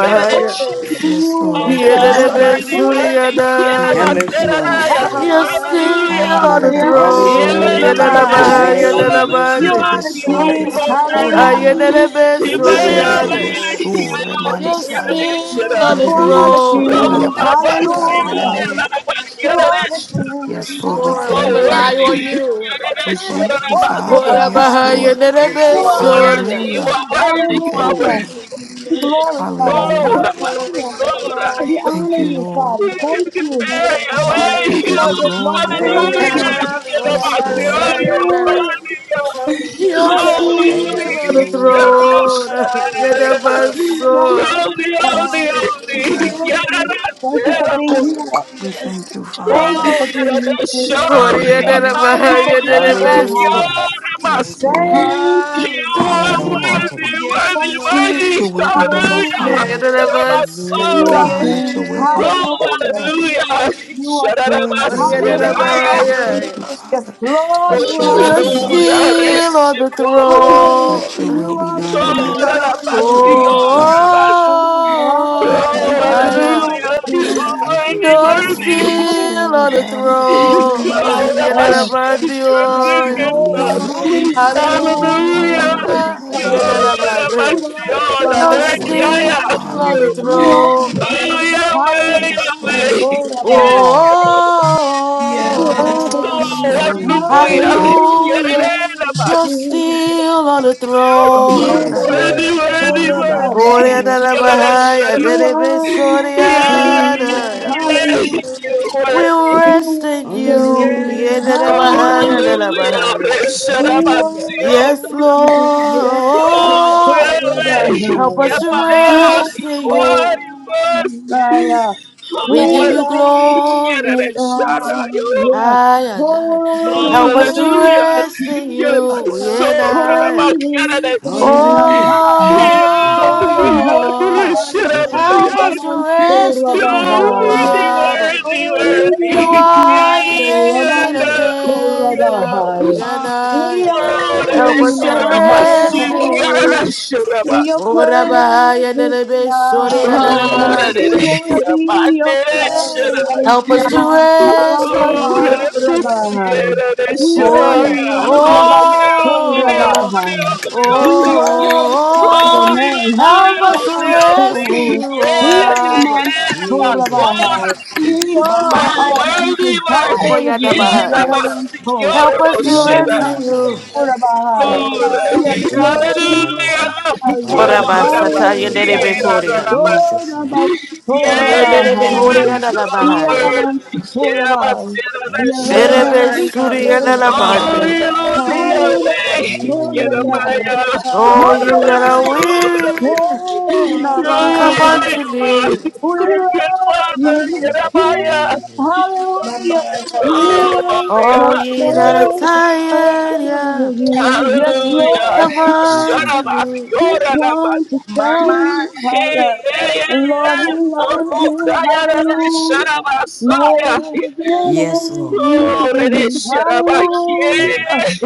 [SPEAKER 4] you. are the
[SPEAKER 1] you?
[SPEAKER 4] shit.
[SPEAKER 7] Yes,
[SPEAKER 3] Jesus.
[SPEAKER 7] Lord.
[SPEAKER 4] Oh,
[SPEAKER 7] We
[SPEAKER 6] Hallelujah. Hallelujah.
[SPEAKER 2] Hallelujah.
[SPEAKER 7] thank
[SPEAKER 6] Hallelujah.
[SPEAKER 1] Yedebe
[SPEAKER 7] you.
[SPEAKER 4] worthy,
[SPEAKER 2] Hallelujah.
[SPEAKER 4] worthy. You
[SPEAKER 7] We
[SPEAKER 3] Have
[SPEAKER 4] are
[SPEAKER 1] suriyadaya.
[SPEAKER 4] the
[SPEAKER 7] thank you,
[SPEAKER 3] mercy on us
[SPEAKER 4] best.
[SPEAKER 7] Father.
[SPEAKER 3] today,
[SPEAKER 1] You're
[SPEAKER 3] Lord.
[SPEAKER 6] Hallelujah.
[SPEAKER 1] still
[SPEAKER 7] Hari
[SPEAKER 1] on the
[SPEAKER 4] Hallelujah.
[SPEAKER 2] Hallelujah.
[SPEAKER 4] You
[SPEAKER 1] throne.
[SPEAKER 7] adadabaso
[SPEAKER 2] Oh,
[SPEAKER 4] are the
[SPEAKER 3] Hallelujah. Your
[SPEAKER 1] Yedeleba,
[SPEAKER 6] Hallelujah.
[SPEAKER 4] You
[SPEAKER 7] riatamanso.
[SPEAKER 3] grace
[SPEAKER 2] Rabbi.
[SPEAKER 3] and your
[SPEAKER 4] are
[SPEAKER 2] You
[SPEAKER 4] the
[SPEAKER 3] mercy
[SPEAKER 7] Yete
[SPEAKER 1] yedelebade.
[SPEAKER 3] on
[SPEAKER 2] are the
[SPEAKER 4] best.
[SPEAKER 3] us
[SPEAKER 4] You
[SPEAKER 6] Hallelujah.
[SPEAKER 7] beso
[SPEAKER 3] today.
[SPEAKER 2] King.
[SPEAKER 6] Hallelujah.
[SPEAKER 7] derebako nanaman.
[SPEAKER 4] You
[SPEAKER 2] Hallelujah.
[SPEAKER 1] Ayedelebe
[SPEAKER 3] Deliver
[SPEAKER 7] Sede
[SPEAKER 3] us,
[SPEAKER 1] suriyadaya.
[SPEAKER 7] rebeso
[SPEAKER 3] Jesus.
[SPEAKER 1] You're
[SPEAKER 4] You are the
[SPEAKER 7] remansai.
[SPEAKER 4] best.
[SPEAKER 1] still on
[SPEAKER 4] Shaddai.
[SPEAKER 1] the
[SPEAKER 2] You
[SPEAKER 7] Yedede
[SPEAKER 2] are the
[SPEAKER 3] The
[SPEAKER 7] mansu o
[SPEAKER 3] blood of
[SPEAKER 1] throne.
[SPEAKER 2] King.
[SPEAKER 4] Oh, Abba,
[SPEAKER 6] Hallelujah.
[SPEAKER 3] Jesus.
[SPEAKER 7] yabakushita
[SPEAKER 4] Shimu,
[SPEAKER 2] Hallelujah.
[SPEAKER 7] ineneme.
[SPEAKER 4] Abba,
[SPEAKER 2] You
[SPEAKER 6] Hallelujah.
[SPEAKER 2] are the King.
[SPEAKER 7] Yes,
[SPEAKER 4] Shaddai.
[SPEAKER 1] Yes,
[SPEAKER 7] Lord, we
[SPEAKER 1] Lord, we
[SPEAKER 7] thank
[SPEAKER 4] Oh,
[SPEAKER 2] Hallelujah.
[SPEAKER 1] rely
[SPEAKER 7] you.
[SPEAKER 3] Mm.
[SPEAKER 1] on
[SPEAKER 4] worthy.
[SPEAKER 1] you.
[SPEAKER 4] Shaddai,
[SPEAKER 7] We
[SPEAKER 6] Hallelujah.
[SPEAKER 4] Shaddai,
[SPEAKER 7] thank you,
[SPEAKER 4] Abba,
[SPEAKER 6] Hallelujah.
[SPEAKER 7] Father.
[SPEAKER 2] Forever.
[SPEAKER 4] Shimu.
[SPEAKER 7] Yes,
[SPEAKER 1] Horaba,
[SPEAKER 7] Lord.
[SPEAKER 3] Thank you,
[SPEAKER 2] You
[SPEAKER 4] You
[SPEAKER 1] yedelebe
[SPEAKER 4] are
[SPEAKER 3] Lord.
[SPEAKER 2] are
[SPEAKER 4] worthy.
[SPEAKER 2] the
[SPEAKER 1] suriyadaya.
[SPEAKER 4] You
[SPEAKER 7] Hallelujah.
[SPEAKER 4] are
[SPEAKER 2] King.
[SPEAKER 7] We
[SPEAKER 4] worthy. You are
[SPEAKER 7] thank
[SPEAKER 2] Hallelujah.
[SPEAKER 7] you.
[SPEAKER 4] worthy.
[SPEAKER 2] be
[SPEAKER 1] You're
[SPEAKER 2] glorified.
[SPEAKER 4] Oh, I
[SPEAKER 7] Hallelujah.
[SPEAKER 3] Thank you, Lord.
[SPEAKER 4] must be
[SPEAKER 2] Hallelujah.
[SPEAKER 1] still on the throne.
[SPEAKER 2] We
[SPEAKER 4] good.
[SPEAKER 7] Thank
[SPEAKER 2] honor
[SPEAKER 7] you,
[SPEAKER 2] you,
[SPEAKER 7] Lord.
[SPEAKER 4] We
[SPEAKER 2] Father. Thank
[SPEAKER 4] can get
[SPEAKER 2] you.
[SPEAKER 4] married
[SPEAKER 7] We
[SPEAKER 1] Aya,
[SPEAKER 4] away.
[SPEAKER 7] give
[SPEAKER 2] For
[SPEAKER 7] you
[SPEAKER 2] there's
[SPEAKER 7] glory.
[SPEAKER 2] nobody like
[SPEAKER 3] Thank you,
[SPEAKER 4] Hallelujah.
[SPEAKER 2] you.
[SPEAKER 1] suriyadaya.
[SPEAKER 3] Lord.
[SPEAKER 4] Quiero
[SPEAKER 7] Yes,
[SPEAKER 1] Horaba,
[SPEAKER 6] Hallelujah.
[SPEAKER 7] Lord.
[SPEAKER 4] pasión,
[SPEAKER 2] Hallelujah.
[SPEAKER 4] hallelujah.
[SPEAKER 1] Your
[SPEAKER 6] Hallelujah,
[SPEAKER 1] feet
[SPEAKER 3] Thank
[SPEAKER 6] hallelujah,
[SPEAKER 3] you,
[SPEAKER 2] Hallelujah.
[SPEAKER 1] on the
[SPEAKER 4] Holy,
[SPEAKER 2] Nobody
[SPEAKER 3] Jesus.
[SPEAKER 4] quiero
[SPEAKER 1] throne. You're the
[SPEAKER 4] Shaddai.
[SPEAKER 6] hallelujah,
[SPEAKER 1] best.
[SPEAKER 2] like you.
[SPEAKER 4] Holy,
[SPEAKER 7] Yes,
[SPEAKER 4] holy,
[SPEAKER 7] Lord. We
[SPEAKER 4] holy.
[SPEAKER 6] hallelujah,
[SPEAKER 7] thank
[SPEAKER 2] Thank
[SPEAKER 4] Quiero
[SPEAKER 7] you.
[SPEAKER 2] you. Thank you
[SPEAKER 4] nacer,
[SPEAKER 2] for being
[SPEAKER 4] amor.
[SPEAKER 2] here.
[SPEAKER 7] We
[SPEAKER 6] hallelujah,
[SPEAKER 7] thank you,
[SPEAKER 2] Thank you
[SPEAKER 7] Father.
[SPEAKER 4] Oh,
[SPEAKER 2] for
[SPEAKER 4] you're
[SPEAKER 6] hallelujah,
[SPEAKER 2] being
[SPEAKER 4] the
[SPEAKER 2] here.
[SPEAKER 1] What
[SPEAKER 4] show.
[SPEAKER 1] you are the
[SPEAKER 7] Hallelujah.
[SPEAKER 4] my
[SPEAKER 2] Thank you
[SPEAKER 1] about
[SPEAKER 2] for
[SPEAKER 1] you are
[SPEAKER 2] being
[SPEAKER 1] the
[SPEAKER 4] Lord, you're
[SPEAKER 1] best.
[SPEAKER 2] Roha.
[SPEAKER 3] Hallelujah.
[SPEAKER 4] my
[SPEAKER 7] Yes,
[SPEAKER 4] sin.
[SPEAKER 6] hallelujah,
[SPEAKER 7] Lord.
[SPEAKER 3] Hallelujah.
[SPEAKER 2] Thank
[SPEAKER 4] You
[SPEAKER 2] you.
[SPEAKER 3] Bless your
[SPEAKER 4] are
[SPEAKER 6] hallelujah.
[SPEAKER 3] name on
[SPEAKER 7] Hallelujah.
[SPEAKER 4] worthy,
[SPEAKER 3] today.
[SPEAKER 2] You
[SPEAKER 6] Yes,
[SPEAKER 2] are
[SPEAKER 4] worthy,
[SPEAKER 6] you are.
[SPEAKER 7] Let
[SPEAKER 2] King.
[SPEAKER 7] your
[SPEAKER 4] worthy.
[SPEAKER 7] will be done, O
[SPEAKER 4] Hallelujah.
[SPEAKER 2] Hallelujah.
[SPEAKER 1] You are
[SPEAKER 7] Father.
[SPEAKER 1] the
[SPEAKER 4] You're
[SPEAKER 6] Yes,
[SPEAKER 1] best.
[SPEAKER 2] You are
[SPEAKER 7] Ah,
[SPEAKER 3] Hallelujah.
[SPEAKER 7] let your
[SPEAKER 2] King.
[SPEAKER 7] will be done,
[SPEAKER 6] yes.
[SPEAKER 4] Oh,
[SPEAKER 2] Hallelujah.
[SPEAKER 7] Father.
[SPEAKER 6] Hallelujah,
[SPEAKER 4] hallelujah.
[SPEAKER 2] You are
[SPEAKER 4] You're
[SPEAKER 2] King.
[SPEAKER 4] my
[SPEAKER 1] What you are
[SPEAKER 4] sin.
[SPEAKER 7] Hallelujah.
[SPEAKER 4] I
[SPEAKER 7] Yes,
[SPEAKER 2] Hallelujah.
[SPEAKER 7] Lord.
[SPEAKER 1] the
[SPEAKER 7] Thank you,
[SPEAKER 6] hallelujah,
[SPEAKER 2] Yes,
[SPEAKER 7] Father.
[SPEAKER 2] Lord, you
[SPEAKER 7] Let your
[SPEAKER 1] you.
[SPEAKER 2] are
[SPEAKER 7] will
[SPEAKER 1] You're
[SPEAKER 2] the
[SPEAKER 7] be done.
[SPEAKER 2] King.
[SPEAKER 4] Hallelujah.
[SPEAKER 6] hallelujah,
[SPEAKER 1] still
[SPEAKER 4] Bless
[SPEAKER 1] on
[SPEAKER 4] you,
[SPEAKER 1] the
[SPEAKER 2] Hallelujah,
[SPEAKER 6] yes.
[SPEAKER 7] Let your
[SPEAKER 1] throne.
[SPEAKER 7] will
[SPEAKER 2] you
[SPEAKER 3] Lord
[SPEAKER 7] be
[SPEAKER 2] are the
[SPEAKER 7] done, O
[SPEAKER 3] Jesus.
[SPEAKER 4] Oh, you're
[SPEAKER 2] King.
[SPEAKER 7] Adonai.
[SPEAKER 4] my
[SPEAKER 7] Let your
[SPEAKER 4] sin.
[SPEAKER 7] will
[SPEAKER 6] Hallelujah,
[SPEAKER 7] be
[SPEAKER 1] Oh,
[SPEAKER 3] Bless
[SPEAKER 7] done.
[SPEAKER 3] the
[SPEAKER 4] You're
[SPEAKER 3] Lord.
[SPEAKER 4] my-
[SPEAKER 2] Oh, yes,
[SPEAKER 3] Bless,
[SPEAKER 7] Thank you,
[SPEAKER 2] the
[SPEAKER 4] Oh,
[SPEAKER 2] Lord,
[SPEAKER 1] I
[SPEAKER 7] Father.
[SPEAKER 6] hallelujah,
[SPEAKER 2] you are
[SPEAKER 1] am.
[SPEAKER 2] the
[SPEAKER 4] hallelujah. You
[SPEAKER 6] hallelujah,
[SPEAKER 4] are
[SPEAKER 2] King.
[SPEAKER 6] hallelujah,
[SPEAKER 3] bless your
[SPEAKER 4] worthy,
[SPEAKER 1] You're
[SPEAKER 3] people on
[SPEAKER 7] Oh,
[SPEAKER 3] today.
[SPEAKER 4] worthy.
[SPEAKER 7] yes, Lord.
[SPEAKER 1] still
[SPEAKER 7] We
[SPEAKER 1] on
[SPEAKER 2] Hallelujah.
[SPEAKER 1] the
[SPEAKER 7] bow in your presence.
[SPEAKER 2] oh,
[SPEAKER 1] throne.
[SPEAKER 6] my
[SPEAKER 1] You
[SPEAKER 4] Glory
[SPEAKER 1] did
[SPEAKER 4] Mashiach,
[SPEAKER 1] about
[SPEAKER 6] hallelujah.
[SPEAKER 4] you are
[SPEAKER 2] yes,
[SPEAKER 7] Yes,
[SPEAKER 4] good,
[SPEAKER 1] you.
[SPEAKER 7] Lord.
[SPEAKER 4] good
[SPEAKER 2] Lord,
[SPEAKER 6] Hallelujah,
[SPEAKER 3] Jesus,
[SPEAKER 2] hallelujah.
[SPEAKER 4] Father.
[SPEAKER 3] Jesus,
[SPEAKER 7] You are
[SPEAKER 3] Jesus,
[SPEAKER 4] Hallelujah.
[SPEAKER 2] We
[SPEAKER 7] worthy
[SPEAKER 4] Thank
[SPEAKER 7] of
[SPEAKER 1] Hallelujah.
[SPEAKER 3] Jesus.
[SPEAKER 7] all
[SPEAKER 4] you,
[SPEAKER 1] The end of
[SPEAKER 7] glory,
[SPEAKER 4] Lord.
[SPEAKER 6] hallelujah,
[SPEAKER 4] Mashiach,
[SPEAKER 1] You're
[SPEAKER 2] glorify
[SPEAKER 4] Adonai,
[SPEAKER 7] worthy
[SPEAKER 6] yes,
[SPEAKER 7] of
[SPEAKER 1] still
[SPEAKER 7] all
[SPEAKER 4] I
[SPEAKER 2] you.
[SPEAKER 4] ask
[SPEAKER 1] on
[SPEAKER 7] honor.
[SPEAKER 1] the
[SPEAKER 4] you.
[SPEAKER 2] You
[SPEAKER 3] Hallelujah.
[SPEAKER 2] are the
[SPEAKER 1] throne.
[SPEAKER 6] hallelujah,
[SPEAKER 4] Oh,
[SPEAKER 2] King.
[SPEAKER 4] Yahweh,
[SPEAKER 7] Yes,
[SPEAKER 2] Hallelujah.
[SPEAKER 6] hallelujah,
[SPEAKER 7] Lord.
[SPEAKER 4] Yahweh.
[SPEAKER 2] Lord of
[SPEAKER 6] hallelujah,
[SPEAKER 4] Yes,
[SPEAKER 2] us.
[SPEAKER 4] Jehovah.
[SPEAKER 2] You are
[SPEAKER 6] yes,
[SPEAKER 2] the
[SPEAKER 1] Oh,
[SPEAKER 4] Oh,
[SPEAKER 2] King.
[SPEAKER 7] Adiatapaso,
[SPEAKER 4] wonderful
[SPEAKER 3] Hallelujah.
[SPEAKER 4] Yahweh.
[SPEAKER 2] Hallelujah.
[SPEAKER 1] hallelujah.
[SPEAKER 4] Yerere,
[SPEAKER 1] You're
[SPEAKER 4] Mashiach.
[SPEAKER 1] still on the
[SPEAKER 2] You
[SPEAKER 6] my
[SPEAKER 2] are the
[SPEAKER 3] Yes,
[SPEAKER 1] throne.
[SPEAKER 6] Lord,
[SPEAKER 4] Worthy,
[SPEAKER 3] yes. yes.
[SPEAKER 4] worthy,
[SPEAKER 2] Master of
[SPEAKER 7] Rana
[SPEAKER 1] Oh, the
[SPEAKER 4] worthy.
[SPEAKER 1] end
[SPEAKER 2] us.
[SPEAKER 1] of the Bible.
[SPEAKER 4] Yerere,
[SPEAKER 6] hallelujah,
[SPEAKER 2] You
[SPEAKER 4] Sharapa.
[SPEAKER 1] so
[SPEAKER 2] are the
[SPEAKER 4] Yeah, yeah,
[SPEAKER 2] King.
[SPEAKER 4] yeah, yeah.
[SPEAKER 2] Hallelujah.
[SPEAKER 6] hallelujah,
[SPEAKER 4] You
[SPEAKER 1] We
[SPEAKER 2] We
[SPEAKER 4] worthy.
[SPEAKER 1] rest in
[SPEAKER 2] worship
[SPEAKER 1] you. The
[SPEAKER 2] you.
[SPEAKER 1] end
[SPEAKER 3] Hallelujah.
[SPEAKER 6] yes,
[SPEAKER 4] Oh,
[SPEAKER 2] Hallelujah.
[SPEAKER 4] Hallelujah.
[SPEAKER 2] We
[SPEAKER 6] hallelujah,
[SPEAKER 4] Resharabasio.
[SPEAKER 1] Yes,
[SPEAKER 2] worship you.
[SPEAKER 6] yes,
[SPEAKER 4] Oh,
[SPEAKER 6] yes,
[SPEAKER 1] Lord.
[SPEAKER 6] yes,
[SPEAKER 4] Yahweh.
[SPEAKER 1] Help
[SPEAKER 3] Hallelujah.
[SPEAKER 2] Yabasurabai.
[SPEAKER 1] us to
[SPEAKER 6] my
[SPEAKER 4] Yahweh.
[SPEAKER 2] We
[SPEAKER 6] mind,
[SPEAKER 1] rest
[SPEAKER 2] bow
[SPEAKER 1] in
[SPEAKER 4] You are,
[SPEAKER 1] you.
[SPEAKER 4] you are.
[SPEAKER 2] down.
[SPEAKER 6] yes,
[SPEAKER 2] Yeah.
[SPEAKER 4] Oh,
[SPEAKER 1] We
[SPEAKER 2] We
[SPEAKER 1] give you
[SPEAKER 4] worthy.
[SPEAKER 6] yes,
[SPEAKER 2] bow
[SPEAKER 1] glory.
[SPEAKER 6] Ooh,
[SPEAKER 2] down.
[SPEAKER 4] Yereresharayona.
[SPEAKER 2] Yeah.
[SPEAKER 1] I and I.
[SPEAKER 4] Oh,
[SPEAKER 6] yes,
[SPEAKER 2] Holy,
[SPEAKER 1] Help us to
[SPEAKER 2] holy,
[SPEAKER 4] hallelujah.
[SPEAKER 1] rest in
[SPEAKER 4] Yes,
[SPEAKER 2] holy
[SPEAKER 1] you. We and
[SPEAKER 6] hallelujah,
[SPEAKER 4] so about
[SPEAKER 1] I.
[SPEAKER 2] Holy is the
[SPEAKER 4] candidates.
[SPEAKER 6] yes,
[SPEAKER 2] Lamb.
[SPEAKER 3] Hallelujah.
[SPEAKER 2] Ha, ha.
[SPEAKER 4] Yeah,
[SPEAKER 3] Thank you,
[SPEAKER 2] Holy,
[SPEAKER 3] Lord.
[SPEAKER 4] yeah,
[SPEAKER 2] holy,
[SPEAKER 1] Oh,
[SPEAKER 4] Christian,
[SPEAKER 3] Thank you,
[SPEAKER 2] holy,
[SPEAKER 3] Lord.
[SPEAKER 6] hallelujah,
[SPEAKER 1] help
[SPEAKER 4] yeah.
[SPEAKER 1] us to
[SPEAKER 2] Yaman
[SPEAKER 1] rest in you,
[SPEAKER 4] You're
[SPEAKER 1] O
[SPEAKER 2] Korabahai.
[SPEAKER 4] worthy,
[SPEAKER 1] Abba.
[SPEAKER 6] yes,
[SPEAKER 4] worthy,
[SPEAKER 2] Oh, we
[SPEAKER 1] You
[SPEAKER 2] bless
[SPEAKER 4] worthy.
[SPEAKER 2] you,
[SPEAKER 4] Yeah,
[SPEAKER 1] are
[SPEAKER 2] Lord
[SPEAKER 1] the
[SPEAKER 6] hallelujah.
[SPEAKER 2] Yaman
[SPEAKER 1] agent of
[SPEAKER 4] yeah,
[SPEAKER 3] Jesus,
[SPEAKER 1] days,
[SPEAKER 3] Jesus.
[SPEAKER 1] yeah,
[SPEAKER 4] yeah.
[SPEAKER 2] Korabahai.
[SPEAKER 1] yeah,
[SPEAKER 6] Hallelujah.
[SPEAKER 1] nah,
[SPEAKER 2] We
[SPEAKER 1] yeah.
[SPEAKER 4] Oh, the
[SPEAKER 2] honor
[SPEAKER 1] Help
[SPEAKER 2] you,
[SPEAKER 1] us to
[SPEAKER 2] Lord.
[SPEAKER 1] rest
[SPEAKER 4] Shanabasi,
[SPEAKER 1] in
[SPEAKER 6] Hallelujah.
[SPEAKER 4] Kara
[SPEAKER 1] you.
[SPEAKER 2] Hallelujah. In your
[SPEAKER 4] Shanabasi.
[SPEAKER 1] Oh, Rabbi, and
[SPEAKER 2] presence,
[SPEAKER 1] the
[SPEAKER 2] Yah.
[SPEAKER 4] Oh, the
[SPEAKER 3] Thank you,
[SPEAKER 4] that
[SPEAKER 3] Lord.
[SPEAKER 2] We
[SPEAKER 4] is
[SPEAKER 2] want to be in your
[SPEAKER 4] Amanda
[SPEAKER 6] Hallelujah.
[SPEAKER 2] presence,
[SPEAKER 4] Shanabai.
[SPEAKER 1] Help us to
[SPEAKER 2] Yah.
[SPEAKER 1] rest in
[SPEAKER 4] Oh,
[SPEAKER 2] Halamas
[SPEAKER 4] worthy,
[SPEAKER 1] you.
[SPEAKER 6] Hallelujah.
[SPEAKER 2] Korabahai. We
[SPEAKER 1] Oh,
[SPEAKER 2] honor
[SPEAKER 1] yeah.
[SPEAKER 2] you,
[SPEAKER 6] Hallelujah.
[SPEAKER 1] Oh,
[SPEAKER 2] Rabansorabahai.
[SPEAKER 1] oh, oh.
[SPEAKER 2] We
[SPEAKER 6] Hallelujah.
[SPEAKER 2] glorify your
[SPEAKER 1] oh.
[SPEAKER 2] name,
[SPEAKER 1] Help us to rest in
[SPEAKER 2] Hanabansor,
[SPEAKER 1] you, oh, Abba.
[SPEAKER 3] Jesus,
[SPEAKER 2] Yanamansorabahai.
[SPEAKER 3] Jesus,
[SPEAKER 2] In
[SPEAKER 3] Jesus.
[SPEAKER 6] My
[SPEAKER 2] your arms,
[SPEAKER 6] mind.
[SPEAKER 2] we
[SPEAKER 1] Oh,
[SPEAKER 4] worthy,
[SPEAKER 2] desire
[SPEAKER 1] yeah,
[SPEAKER 2] to
[SPEAKER 1] the
[SPEAKER 4] yeah,
[SPEAKER 2] be
[SPEAKER 6] Yes,
[SPEAKER 4] that
[SPEAKER 6] you
[SPEAKER 1] Bahaya.
[SPEAKER 4] was
[SPEAKER 6] are.
[SPEAKER 4] secure,
[SPEAKER 2] Yanabansor,
[SPEAKER 1] Help us
[SPEAKER 4] oh,
[SPEAKER 1] to
[SPEAKER 3] Be my
[SPEAKER 1] rest
[SPEAKER 4] shit.
[SPEAKER 1] in
[SPEAKER 3] course, O
[SPEAKER 1] you.
[SPEAKER 6] Hallelujah.
[SPEAKER 3] Lord,
[SPEAKER 2] Yanamansorabahai.
[SPEAKER 4] Lord,
[SPEAKER 2] Yes,
[SPEAKER 3] with them
[SPEAKER 6] Hallelujah.
[SPEAKER 3] that
[SPEAKER 2] Lord, we
[SPEAKER 3] strive with me.
[SPEAKER 4] hallelujah, you
[SPEAKER 2] glorify
[SPEAKER 3] Fight
[SPEAKER 1] What
[SPEAKER 2] you.
[SPEAKER 1] about
[SPEAKER 3] against them that
[SPEAKER 1] Sataya
[SPEAKER 3] fight
[SPEAKER 2] Hallelujah.
[SPEAKER 6] Hallelujah.
[SPEAKER 1] Nerebe
[SPEAKER 3] against me. In
[SPEAKER 1] Korea?
[SPEAKER 2] Oh,
[SPEAKER 3] Jesus' name.
[SPEAKER 6] Hallelujah.
[SPEAKER 4] Yeah,
[SPEAKER 1] You're
[SPEAKER 4] yeah,
[SPEAKER 1] nerebe
[SPEAKER 2] Nabasorabahai.
[SPEAKER 6] Hallelujah.
[SPEAKER 1] Horia da la
[SPEAKER 3] Jesus'
[SPEAKER 4] oh,
[SPEAKER 3] name.
[SPEAKER 1] Bahaya.
[SPEAKER 2] Yarabans,
[SPEAKER 4] worthy, yeah, my yeah,
[SPEAKER 2] Borabai,
[SPEAKER 3] Thank you,
[SPEAKER 4] shut
[SPEAKER 6] My
[SPEAKER 3] God.
[SPEAKER 4] up.
[SPEAKER 1] Erebe
[SPEAKER 2] Yarabans,
[SPEAKER 6] mind.
[SPEAKER 1] Suria da la
[SPEAKER 6] Hallelujah.
[SPEAKER 4] Oh,
[SPEAKER 2] Boriana,
[SPEAKER 1] Bande.
[SPEAKER 4] you're on the
[SPEAKER 2] Hayarabans,
[SPEAKER 6] Hallelujah.
[SPEAKER 4] way, get up, my
[SPEAKER 3] Hallelujah.
[SPEAKER 2] Boriana,
[SPEAKER 4] you're
[SPEAKER 1] Oh,
[SPEAKER 4] the
[SPEAKER 1] you that
[SPEAKER 4] best,
[SPEAKER 1] are
[SPEAKER 6] Hallelujah.
[SPEAKER 4] you're
[SPEAKER 2] Hayarabans,
[SPEAKER 1] weary,
[SPEAKER 4] the
[SPEAKER 6] Hallelujah.
[SPEAKER 1] come
[SPEAKER 2] Borabai.
[SPEAKER 1] unto
[SPEAKER 6] Hallelujah.
[SPEAKER 1] me.
[SPEAKER 4] best.
[SPEAKER 2] We
[SPEAKER 4] Good
[SPEAKER 2] love
[SPEAKER 4] Father,
[SPEAKER 6] Hallelujah.
[SPEAKER 2] you,
[SPEAKER 4] get
[SPEAKER 3] Thank you,
[SPEAKER 4] up, my God.
[SPEAKER 2] Jesus,
[SPEAKER 3] Jesus.
[SPEAKER 6] My
[SPEAKER 2] hallelujah.
[SPEAKER 6] mind.
[SPEAKER 2] We
[SPEAKER 6] Hallelujah.
[SPEAKER 4] Oh,
[SPEAKER 2] worship
[SPEAKER 4] my God,
[SPEAKER 1] All
[SPEAKER 2] and
[SPEAKER 1] ye that
[SPEAKER 3] Mm.
[SPEAKER 1] are tired,
[SPEAKER 2] adore
[SPEAKER 1] yeah,
[SPEAKER 2] you. Yes,
[SPEAKER 4] Hallelujah.
[SPEAKER 1] come
[SPEAKER 2] Lord,
[SPEAKER 3] We
[SPEAKER 4] Shut
[SPEAKER 1] on.
[SPEAKER 3] thank
[SPEAKER 4] up.
[SPEAKER 3] you,
[SPEAKER 4] I'm
[SPEAKER 3] Jesus.
[SPEAKER 2] just want to
[SPEAKER 6] My
[SPEAKER 2] tell
[SPEAKER 6] mind.
[SPEAKER 2] you, how uh,
[SPEAKER 4] Hey, hey,
[SPEAKER 2] Lord,
[SPEAKER 4] hey.
[SPEAKER 2] we love
[SPEAKER 4] Oh,
[SPEAKER 2] you,
[SPEAKER 4] cry out and shut
[SPEAKER 2] hallelujah, more than
[SPEAKER 3] Yes, Lord.
[SPEAKER 4] Oh, ready,
[SPEAKER 2] anything,
[SPEAKER 4] shut up.
[SPEAKER 3] Thank
[SPEAKER 2] hallelujah.
[SPEAKER 3] you,
[SPEAKER 4] Yes,
[SPEAKER 3] Jesus.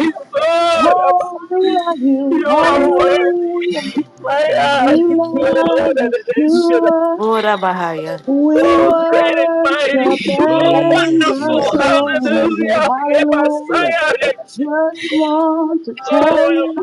[SPEAKER 3] Yes, Lord.
[SPEAKER 2] Oh, we love you,
[SPEAKER 4] You are
[SPEAKER 2] hallelujah,
[SPEAKER 4] worthy. My God.
[SPEAKER 2] we
[SPEAKER 4] Oh,
[SPEAKER 2] love
[SPEAKER 4] ready, shut
[SPEAKER 2] Yeshua,
[SPEAKER 1] Lord Abahaya.
[SPEAKER 2] we
[SPEAKER 4] Oh, great and
[SPEAKER 2] worship
[SPEAKER 4] mighty. Oh,
[SPEAKER 2] and
[SPEAKER 3] Jesus,
[SPEAKER 4] wonderful.
[SPEAKER 3] Jesus,
[SPEAKER 2] adore
[SPEAKER 3] Jesus.
[SPEAKER 2] you,
[SPEAKER 4] Hallelujah. Yeah,
[SPEAKER 2] hallelujah.
[SPEAKER 4] Messiah.
[SPEAKER 2] Just want to tell
[SPEAKER 4] Oh,
[SPEAKER 2] you.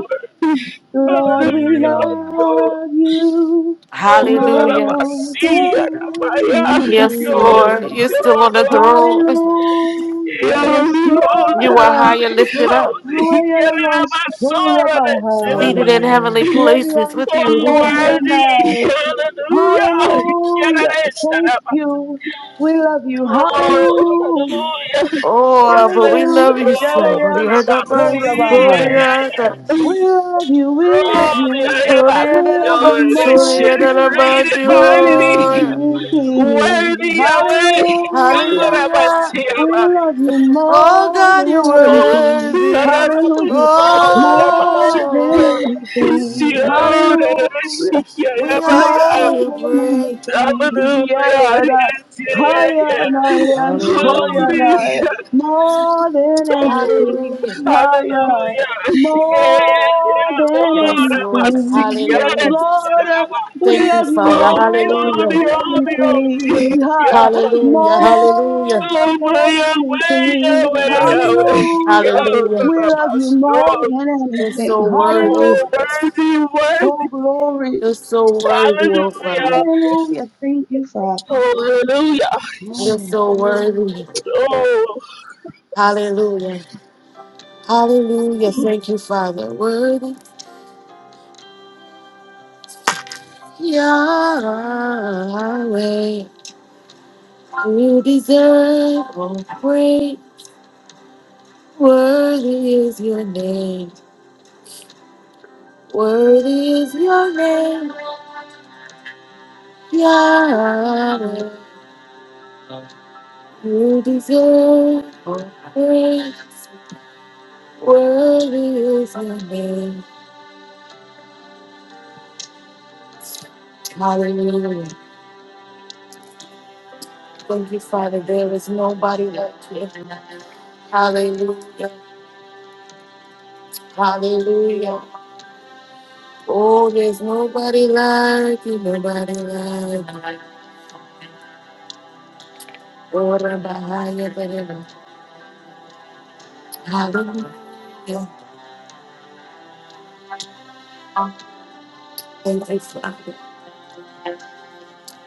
[SPEAKER 2] Lord,
[SPEAKER 4] Hallelujah.
[SPEAKER 2] we
[SPEAKER 3] Hallelujah.
[SPEAKER 4] Oh,
[SPEAKER 2] love you
[SPEAKER 4] oh,
[SPEAKER 1] Hallelujah.
[SPEAKER 2] more
[SPEAKER 4] Rabasiya,
[SPEAKER 2] than
[SPEAKER 4] Rabaya,
[SPEAKER 1] Yes,
[SPEAKER 4] oh,
[SPEAKER 1] Lord,
[SPEAKER 2] anything.
[SPEAKER 1] you're
[SPEAKER 4] you're
[SPEAKER 1] still on the throne.
[SPEAKER 2] Hallelujah. Yes,
[SPEAKER 4] holy,
[SPEAKER 1] You
[SPEAKER 4] holy,
[SPEAKER 1] are
[SPEAKER 2] Lord.
[SPEAKER 1] high and
[SPEAKER 4] holy,
[SPEAKER 1] lifted up,
[SPEAKER 4] holy. Quiere
[SPEAKER 2] Higher
[SPEAKER 4] la
[SPEAKER 2] ones,
[SPEAKER 4] basura de ese
[SPEAKER 2] Horabahai.
[SPEAKER 1] seated in heavenly
[SPEAKER 3] Hallelujah.
[SPEAKER 4] Rabaya.
[SPEAKER 1] places
[SPEAKER 2] Leviant,
[SPEAKER 1] with you.
[SPEAKER 4] Oh,
[SPEAKER 2] holy and
[SPEAKER 4] worthy,
[SPEAKER 2] I.
[SPEAKER 4] hallelujah.
[SPEAKER 2] Hallelujah.
[SPEAKER 4] Quiere esta
[SPEAKER 2] Thank
[SPEAKER 4] Rabaya.
[SPEAKER 2] you. We love you.
[SPEAKER 4] Oh,
[SPEAKER 2] Hallelujah.
[SPEAKER 4] hallelujah.
[SPEAKER 1] Oh, but
[SPEAKER 4] Quiere
[SPEAKER 1] we
[SPEAKER 4] ese
[SPEAKER 1] love
[SPEAKER 2] Hallelujah.
[SPEAKER 1] you
[SPEAKER 4] Rabaya.
[SPEAKER 1] so. Yeah,
[SPEAKER 2] Yadayans,
[SPEAKER 1] the best,
[SPEAKER 3] Jesus,
[SPEAKER 1] oh,
[SPEAKER 4] Rabasiya,
[SPEAKER 2] Horabahai.
[SPEAKER 4] yeah,
[SPEAKER 1] yeah,
[SPEAKER 3] Jesus,
[SPEAKER 1] the-
[SPEAKER 4] yeah.
[SPEAKER 2] We
[SPEAKER 3] Jesus.
[SPEAKER 2] love you, we
[SPEAKER 4] From
[SPEAKER 2] love you,
[SPEAKER 4] the
[SPEAKER 1] oh,
[SPEAKER 4] heavens,
[SPEAKER 2] we
[SPEAKER 1] yeah, the
[SPEAKER 2] love you
[SPEAKER 4] your
[SPEAKER 1] best, oh, yeah,
[SPEAKER 4] nation
[SPEAKER 1] the
[SPEAKER 2] more
[SPEAKER 1] best,
[SPEAKER 4] created
[SPEAKER 2] than
[SPEAKER 4] by
[SPEAKER 1] oh,
[SPEAKER 4] thee.
[SPEAKER 1] yeah.
[SPEAKER 3] Jesus.
[SPEAKER 2] anything.
[SPEAKER 4] Worthy away,
[SPEAKER 2] Hallelujah.
[SPEAKER 1] Hallelujah.
[SPEAKER 2] We love you
[SPEAKER 1] Oh,
[SPEAKER 2] more
[SPEAKER 1] God, you're
[SPEAKER 2] than anything.
[SPEAKER 1] worthy.
[SPEAKER 2] Hallelujah. More than
[SPEAKER 1] Oh.
[SPEAKER 3] Thank you,
[SPEAKER 2] anything.
[SPEAKER 3] Lord.
[SPEAKER 2] Hallelujah
[SPEAKER 1] We honor
[SPEAKER 2] more
[SPEAKER 1] you,
[SPEAKER 2] than
[SPEAKER 1] praise.
[SPEAKER 2] anything. Yeah,
[SPEAKER 4] Hallelujah.
[SPEAKER 2] yeah, da.
[SPEAKER 4] Yes, yeah, yeah,
[SPEAKER 2] Higher and
[SPEAKER 4] yeah.
[SPEAKER 2] I am
[SPEAKER 1] We
[SPEAKER 2] so yeah,
[SPEAKER 3] Hallelujah.
[SPEAKER 1] worship you.
[SPEAKER 2] na.
[SPEAKER 4] Hallelujah.
[SPEAKER 2] more than
[SPEAKER 4] Lord.
[SPEAKER 2] anything.
[SPEAKER 1] Hallelujah.
[SPEAKER 2] Higher,
[SPEAKER 4] Hallelujah. Yeah, yeah,
[SPEAKER 2] more than
[SPEAKER 1] Yes,
[SPEAKER 4] Lord, I'm
[SPEAKER 1] Lord.
[SPEAKER 4] a sick
[SPEAKER 2] anything.
[SPEAKER 4] yeah,
[SPEAKER 2] Yes,
[SPEAKER 4] yeah,
[SPEAKER 1] Hallelujah.
[SPEAKER 2] Lord, we
[SPEAKER 4] yeah.
[SPEAKER 1] Thank you,
[SPEAKER 2] love you
[SPEAKER 1] Father.
[SPEAKER 4] Hold me,
[SPEAKER 2] more
[SPEAKER 4] hold
[SPEAKER 1] Hallelujah.
[SPEAKER 4] me, hold
[SPEAKER 2] than
[SPEAKER 4] me, hold me.
[SPEAKER 2] anything.
[SPEAKER 4] Yeah,
[SPEAKER 2] Ha.
[SPEAKER 4] yeah.
[SPEAKER 1] Hallelujah. Hallelujah.
[SPEAKER 2] More
[SPEAKER 4] Oh, my,
[SPEAKER 2] than
[SPEAKER 4] away,
[SPEAKER 2] anything.
[SPEAKER 4] away,
[SPEAKER 3] Thank you, Lord.
[SPEAKER 4] away. Yeah,
[SPEAKER 2] Hallelujah.
[SPEAKER 4] Lord,
[SPEAKER 1] Hallelujah.
[SPEAKER 2] We love
[SPEAKER 4] I'm a
[SPEAKER 2] you more
[SPEAKER 4] strong.
[SPEAKER 2] than
[SPEAKER 1] You're
[SPEAKER 2] anything.
[SPEAKER 1] so
[SPEAKER 4] You are
[SPEAKER 1] worthy.
[SPEAKER 2] Hallelujah.
[SPEAKER 4] worthy,
[SPEAKER 2] Oh,
[SPEAKER 4] worthy.
[SPEAKER 2] glory.
[SPEAKER 1] You're so worthy, oh Father.
[SPEAKER 4] Hallelujah.
[SPEAKER 2] Hallelujah. Thank you, Father. Oh,
[SPEAKER 4] Hallelujah.
[SPEAKER 1] You're
[SPEAKER 2] yes,
[SPEAKER 1] so
[SPEAKER 2] Lord.
[SPEAKER 1] worthy.
[SPEAKER 4] Oh.
[SPEAKER 1] Hallelujah. Hallelujah. Thank you, Father. Worthy. Yahweh. You deserve all praise. Worthy is your name. Worthy is your name. Yahweh. You deserve praise. Worthy is your name. Hallelujah. Thank you, Father. There is nobody like you. Hallelujah. Hallelujah. Oh, there's nobody like you. Nobody like you. Oh, Rabahaya, Bereba. Hallelujah. Thank you, Father.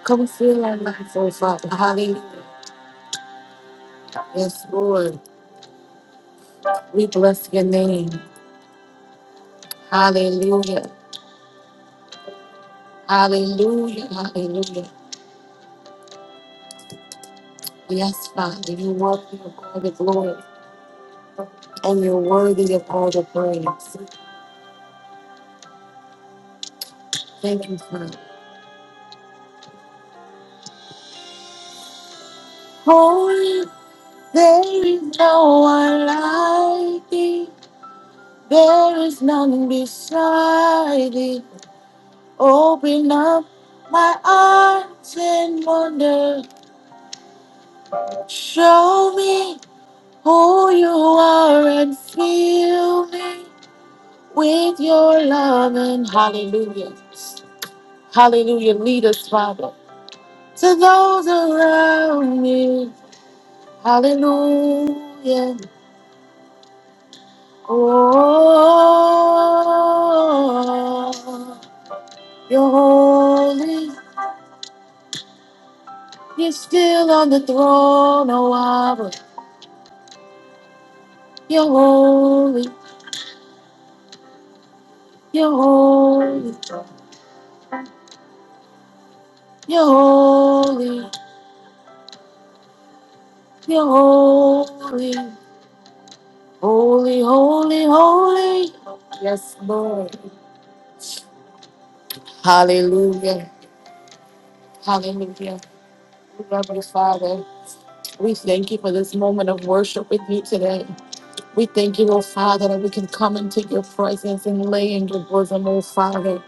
[SPEAKER 1] Come fill our life, oh Father. Hallelujah. Yes, Lord. We bless your name. Hallelujah. Hallelujah. Hallelujah. Yes, Father, you are worthy of all the glory and you're worthy of all the praise. Thank you, Father. Holy, there is no one like thee. There is none beside thee. Open up my eyes and wonder. Show me who you are and feel me. with your love and hallelujah. Hallelujah. Lead us, Father, to those around me. Hallelujah. Oh, you're holy. You're still on the throne, oh Abba. You're holy. You're holy. You're holy. You're holy. Holy, holy, holy. Yes, Lord. Hallelujah. Hallelujah. Lovely Father, we thank you for this moment of worship with you today. We thank you, oh Father, that we can come into your presence and lay in your bosom, oh Father.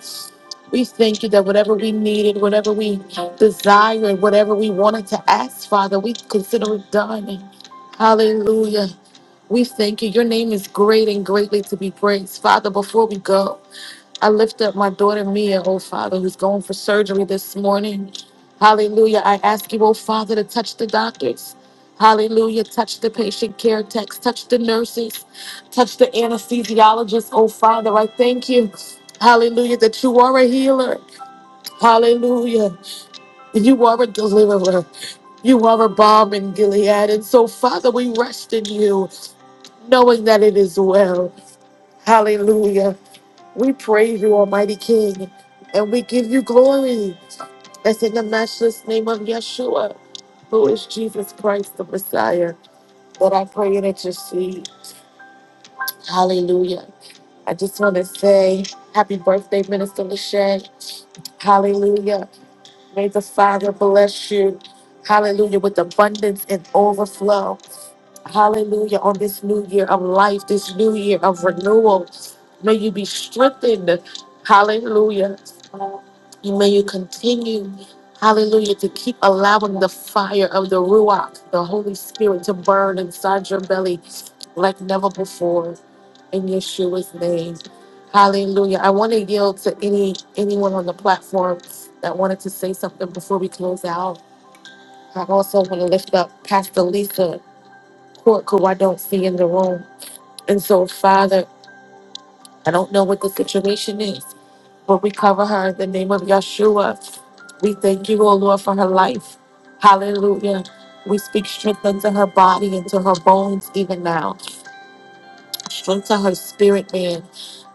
[SPEAKER 1] We thank you that whatever we needed, whatever we desired, whatever we wanted to ask, Father, we consider it done. Hallelujah. We thank you. Your name is great and greatly to be praised. Father, before we go, I lift up my daughter Mia, oh Father, who's going for surgery this morning. Hallelujah. I ask you, oh Father, to touch the doctors. Hallelujah. Touch the patient care techs, touch the nurses, touch the anesthesiologists, oh Father. I thank you. Hallelujah, that you are a healer. Hallelujah. You are a deliverer. You are a bomb in Gilead. And so, Father, we rest in you, knowing that it is well. Hallelujah. We praise you, Almighty King, and we give you glory. That's in the matchless name of Yeshua, who is Jesus Christ, the Messiah, that I pray and intercede. Hallelujah. I just want to say happy birthday, Minister Lachey. Hallelujah. May the Father bless you. Hallelujah. With abundance and overflow. Hallelujah. On this new year of life, this new year of renewal, may you be strengthened. Hallelujah. And May you continue, hallelujah, to keep allowing the fire of the Ruach, the Holy Spirit, to burn inside your belly like never before in Yeshua's name. Hallelujah. I want to yield to any anyone on the platform that wanted to say something before we close out. I also want to lift up Pastor Lisa court who I don't see in the room. And so, Father, I don't know what the situation is, but we cover her in the name of Yeshua. We thank you, O Lord, for her life. Hallelujah. We speak strength unto her body and to her bones even now. Strength to her spirit, man.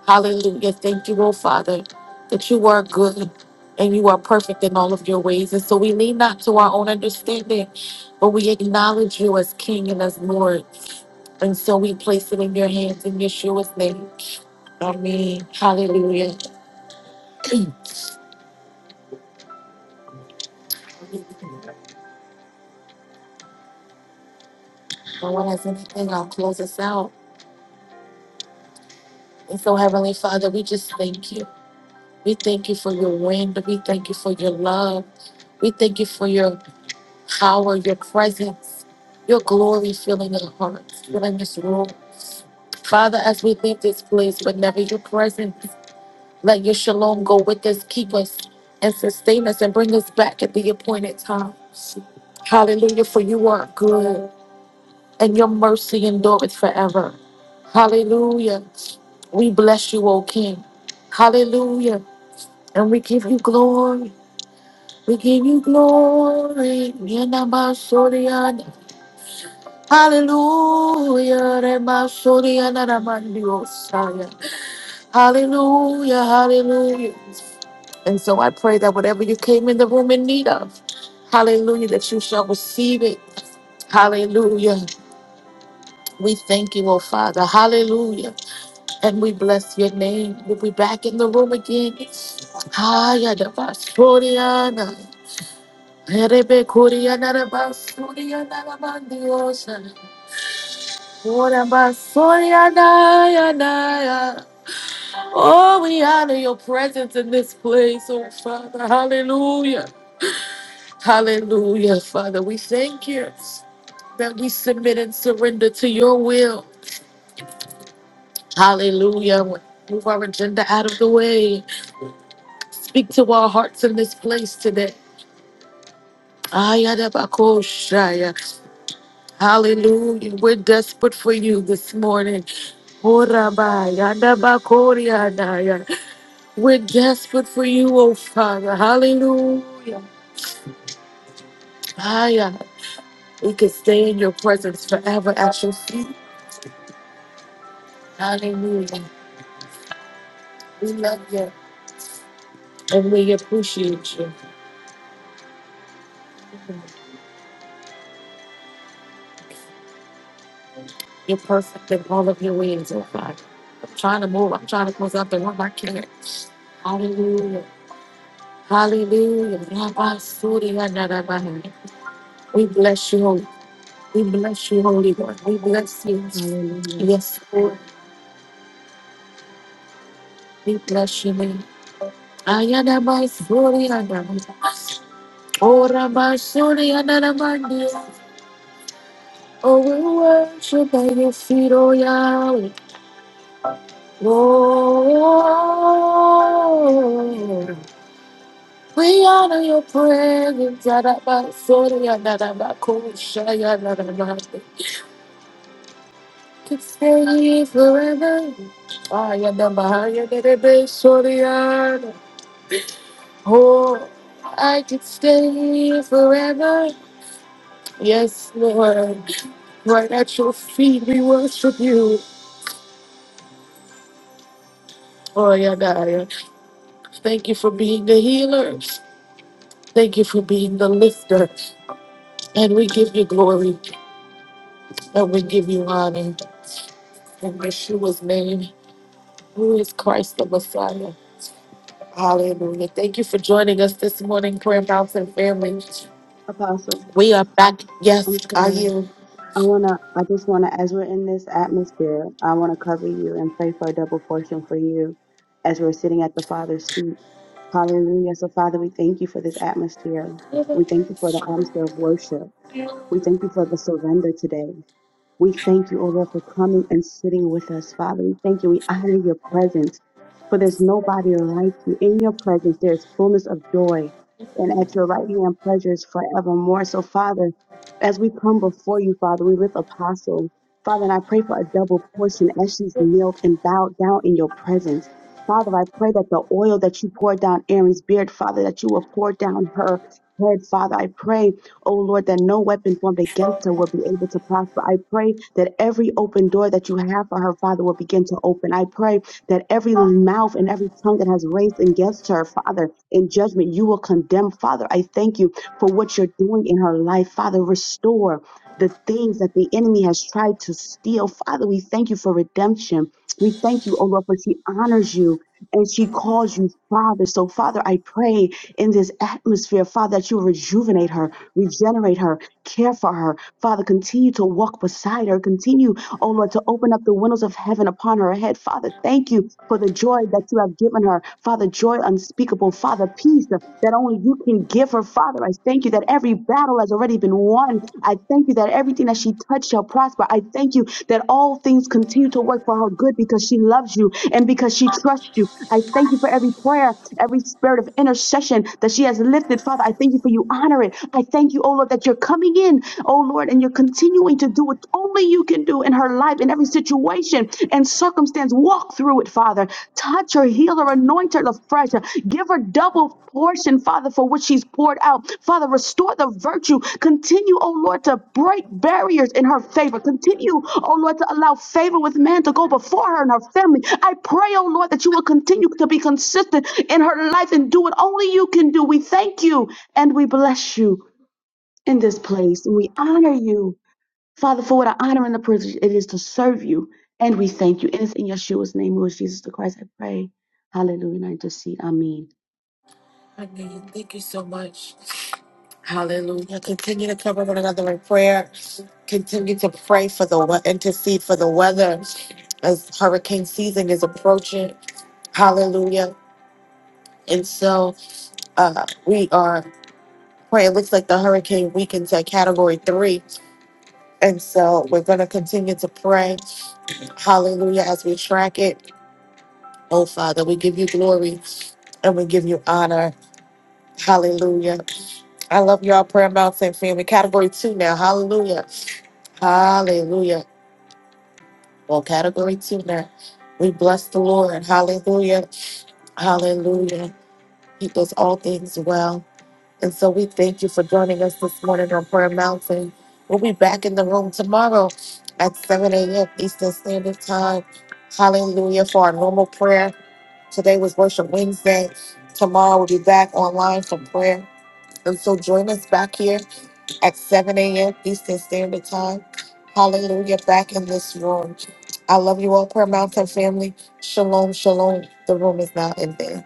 [SPEAKER 1] Hallelujah. Thank you, O Father, that you are good and you are perfect in all of your ways. And so we lean not to our own understanding, but we acknowledge you as King and as Lord. And so we place it in your hands in Yeshua's name. Amen. Hallelujah. No one has anything, I'll close us out. And so, Heavenly Father, we just thank you. We thank you for your wind. We thank you for your love. We thank you for your power, your presence, your glory filling our hearts, filling this room. Father, as we leave this place, but never your presence. Let your shalom go with us, keep us, and sustain us, and bring us back at the appointed times. Hallelujah, for you are good, and your mercy endureth forever. Hallelujah. We bless you, O King. Hallelujah. And we give you glory. We give you glory. Yenamasoriana. Hallelujah. Remasoriana ramandiosa. Hallelujah. Hallelujah. And so I pray that whatever you came in the room in need of, hallelujah, that you shall receive it. Hallelujah. We thank you, oh Father. Hallelujah. And we bless your name. We'll be back in the room again. Haya da basuriana. Erebe kuriana da basuriana da bandiosa. Ora basuriana ya na ya. Oh, we honor your presence in this place, oh Father. Hallelujah. Hallelujah, Father. We thank you that we submit and surrender to your will. Hallelujah. Move our agenda out of the way. Speak to our hearts in this place today. Ayadabakoshaya. Hallelujah. We're desperate for you this morning. Orabayadabakoriadaya. We're desperate for you, oh Father. Hallelujah. Aya. We can stay in your presence forever at your feet. Hallelujah. We love you. And we appreciate you. You're perfect in all of your ways, oh God. I'm trying to move. I'm trying to close up and run my can. Hallelujah. Hallelujah. Rabbi Suri Anarabaha. We bless you, Holy. We bless you, Holy One, We bless you.
[SPEAKER 2] Hallelujah.
[SPEAKER 1] Yes, Lord. We bless you, man. Ayanabai Suri Anarabaha. Oh, Rabbi Suri Anarabaha. Oh, we worship at your feet, oh Yahweh. Oh, we honor your presence. Yadabasori, yadabakosha, yadabakosha. Could stay here forever. Ah, yadabahaya, yadabasori, yada. Oh, I could stay here forever. Yes, Lord. Right at your feet, we worship you. Oh, yadaya. Thank you for being the healer. Thank you for being the lifter. And we give you glory and we give you honor. In Yeshua's name, who is Christ the Messiah. Hallelujah. Thank you for joining us this morning, Prayer Mountain family.
[SPEAKER 2] Apostle,
[SPEAKER 1] We are back.
[SPEAKER 2] I'm
[SPEAKER 1] Yes, I
[SPEAKER 2] sorry.
[SPEAKER 1] you.
[SPEAKER 2] I wanna I just wanna as we're in this atmosphere, I wanna cover you and pray for a double portion for you as we're sitting at the Father's feet. Hallelujah. So Father, we thank you for this atmosphere. We thank you for the atmosphere of worship. We thank you for the surrender today. We thank you, O Lord, for coming and sitting with us, Father. We thank you. We honor your presence, for there's nobody like you. In your presence, there is fullness of joy, and at your right hand, pleasures forevermore. So, Father, as we come before you, Father, we lift Apostle. Father, and I pray for a double portion as she's knelt and bowed down in your presence. Father, I pray that the oil that you poured down Aaron's beard, Father, that you will pour down her head, Father. I pray O Lord, that no weapon formed against her will be able to prosper. I pray that every open door that you have for her, Father, will begin to open. I pray that every mouth and every tongue that has raised against her, Father, in judgment, you will condemn, Father. I thank you for what you're doing in her life, Father. Restore the things that the enemy has tried to steal. Father, we thank you for redemption. We thank you, O Lord, for she honors you and she calls you Father. So, Father, I pray in this atmosphere, Father, that you rejuvenate her regenerate her, care for her. Father, continue to walk beside her. Continue, oh Lord, to open up the windows of heaven upon her head. Father, thank you for the joy that you have given her. Father, joy unspeakable. Father, peace that only you can give her. Father, I thank you that every battle has already been won. I thank you that everything that she touched shall prosper. I thank you that all things continue to work for her good because she loves you and because she trusts you. I thank you for every prayer, every spirit of intercession that she has lifted. Father, I thank you for you honor it. I thank you, oh Lord, that you're coming in, oh Lord, and you're continuing to do what only you can do in her life, in every situation and circumstance. Walk through it, Father. Touch her, heal her, anoint her afresh. Give her double portion, Father, for what she's poured out. Father, restore the virtue. Continue, oh Lord, to break barriers in her favor. Continue, oh Lord, to allow favor with man to go before her and her family. I pray, oh Lord, that you will continue to be consistent in her life and do what only you can do. We thank you and we bless you in this place. And we honor you, Father, for what an honor and a privilege it is to serve you. And we thank you. And it's in Yeshua's name, Lord Jesus the Christ, I pray. Hallelujah. And I intercede. Amen.
[SPEAKER 1] I hear you. Thank you so much. Hallelujah. Continue to cover one another in prayer. Continue to pray for the we- intercede for the weather as hurricane season is approaching. Hallelujah. And so uh, we are. pray. It looks like the hurricane weakens at category three. And so we're going to continue to pray. Hallelujah. As we track it. Oh, Father, we give you glory and we give you honor. Hallelujah. I love y'all, Prayer Mountain family. Category two now. Hallelujah. Hallelujah. Well, category two now. We bless the Lord. Hallelujah. Hallelujah. He does all things well. And so we thank you for joining us this morning on Prayer Mountain. We'll be back in the room tomorrow at 7 a.m. Eastern Standard Time. Hallelujah for our normal prayer. Today was Worship Wednesday. Tomorrow we'll be back online for prayer. And so join us back here at 7 a.m. Eastern Standard Time. Hallelujah, back in this room. I love you all, Prayer Mountain family. Shalom, shalom. The room is now ending.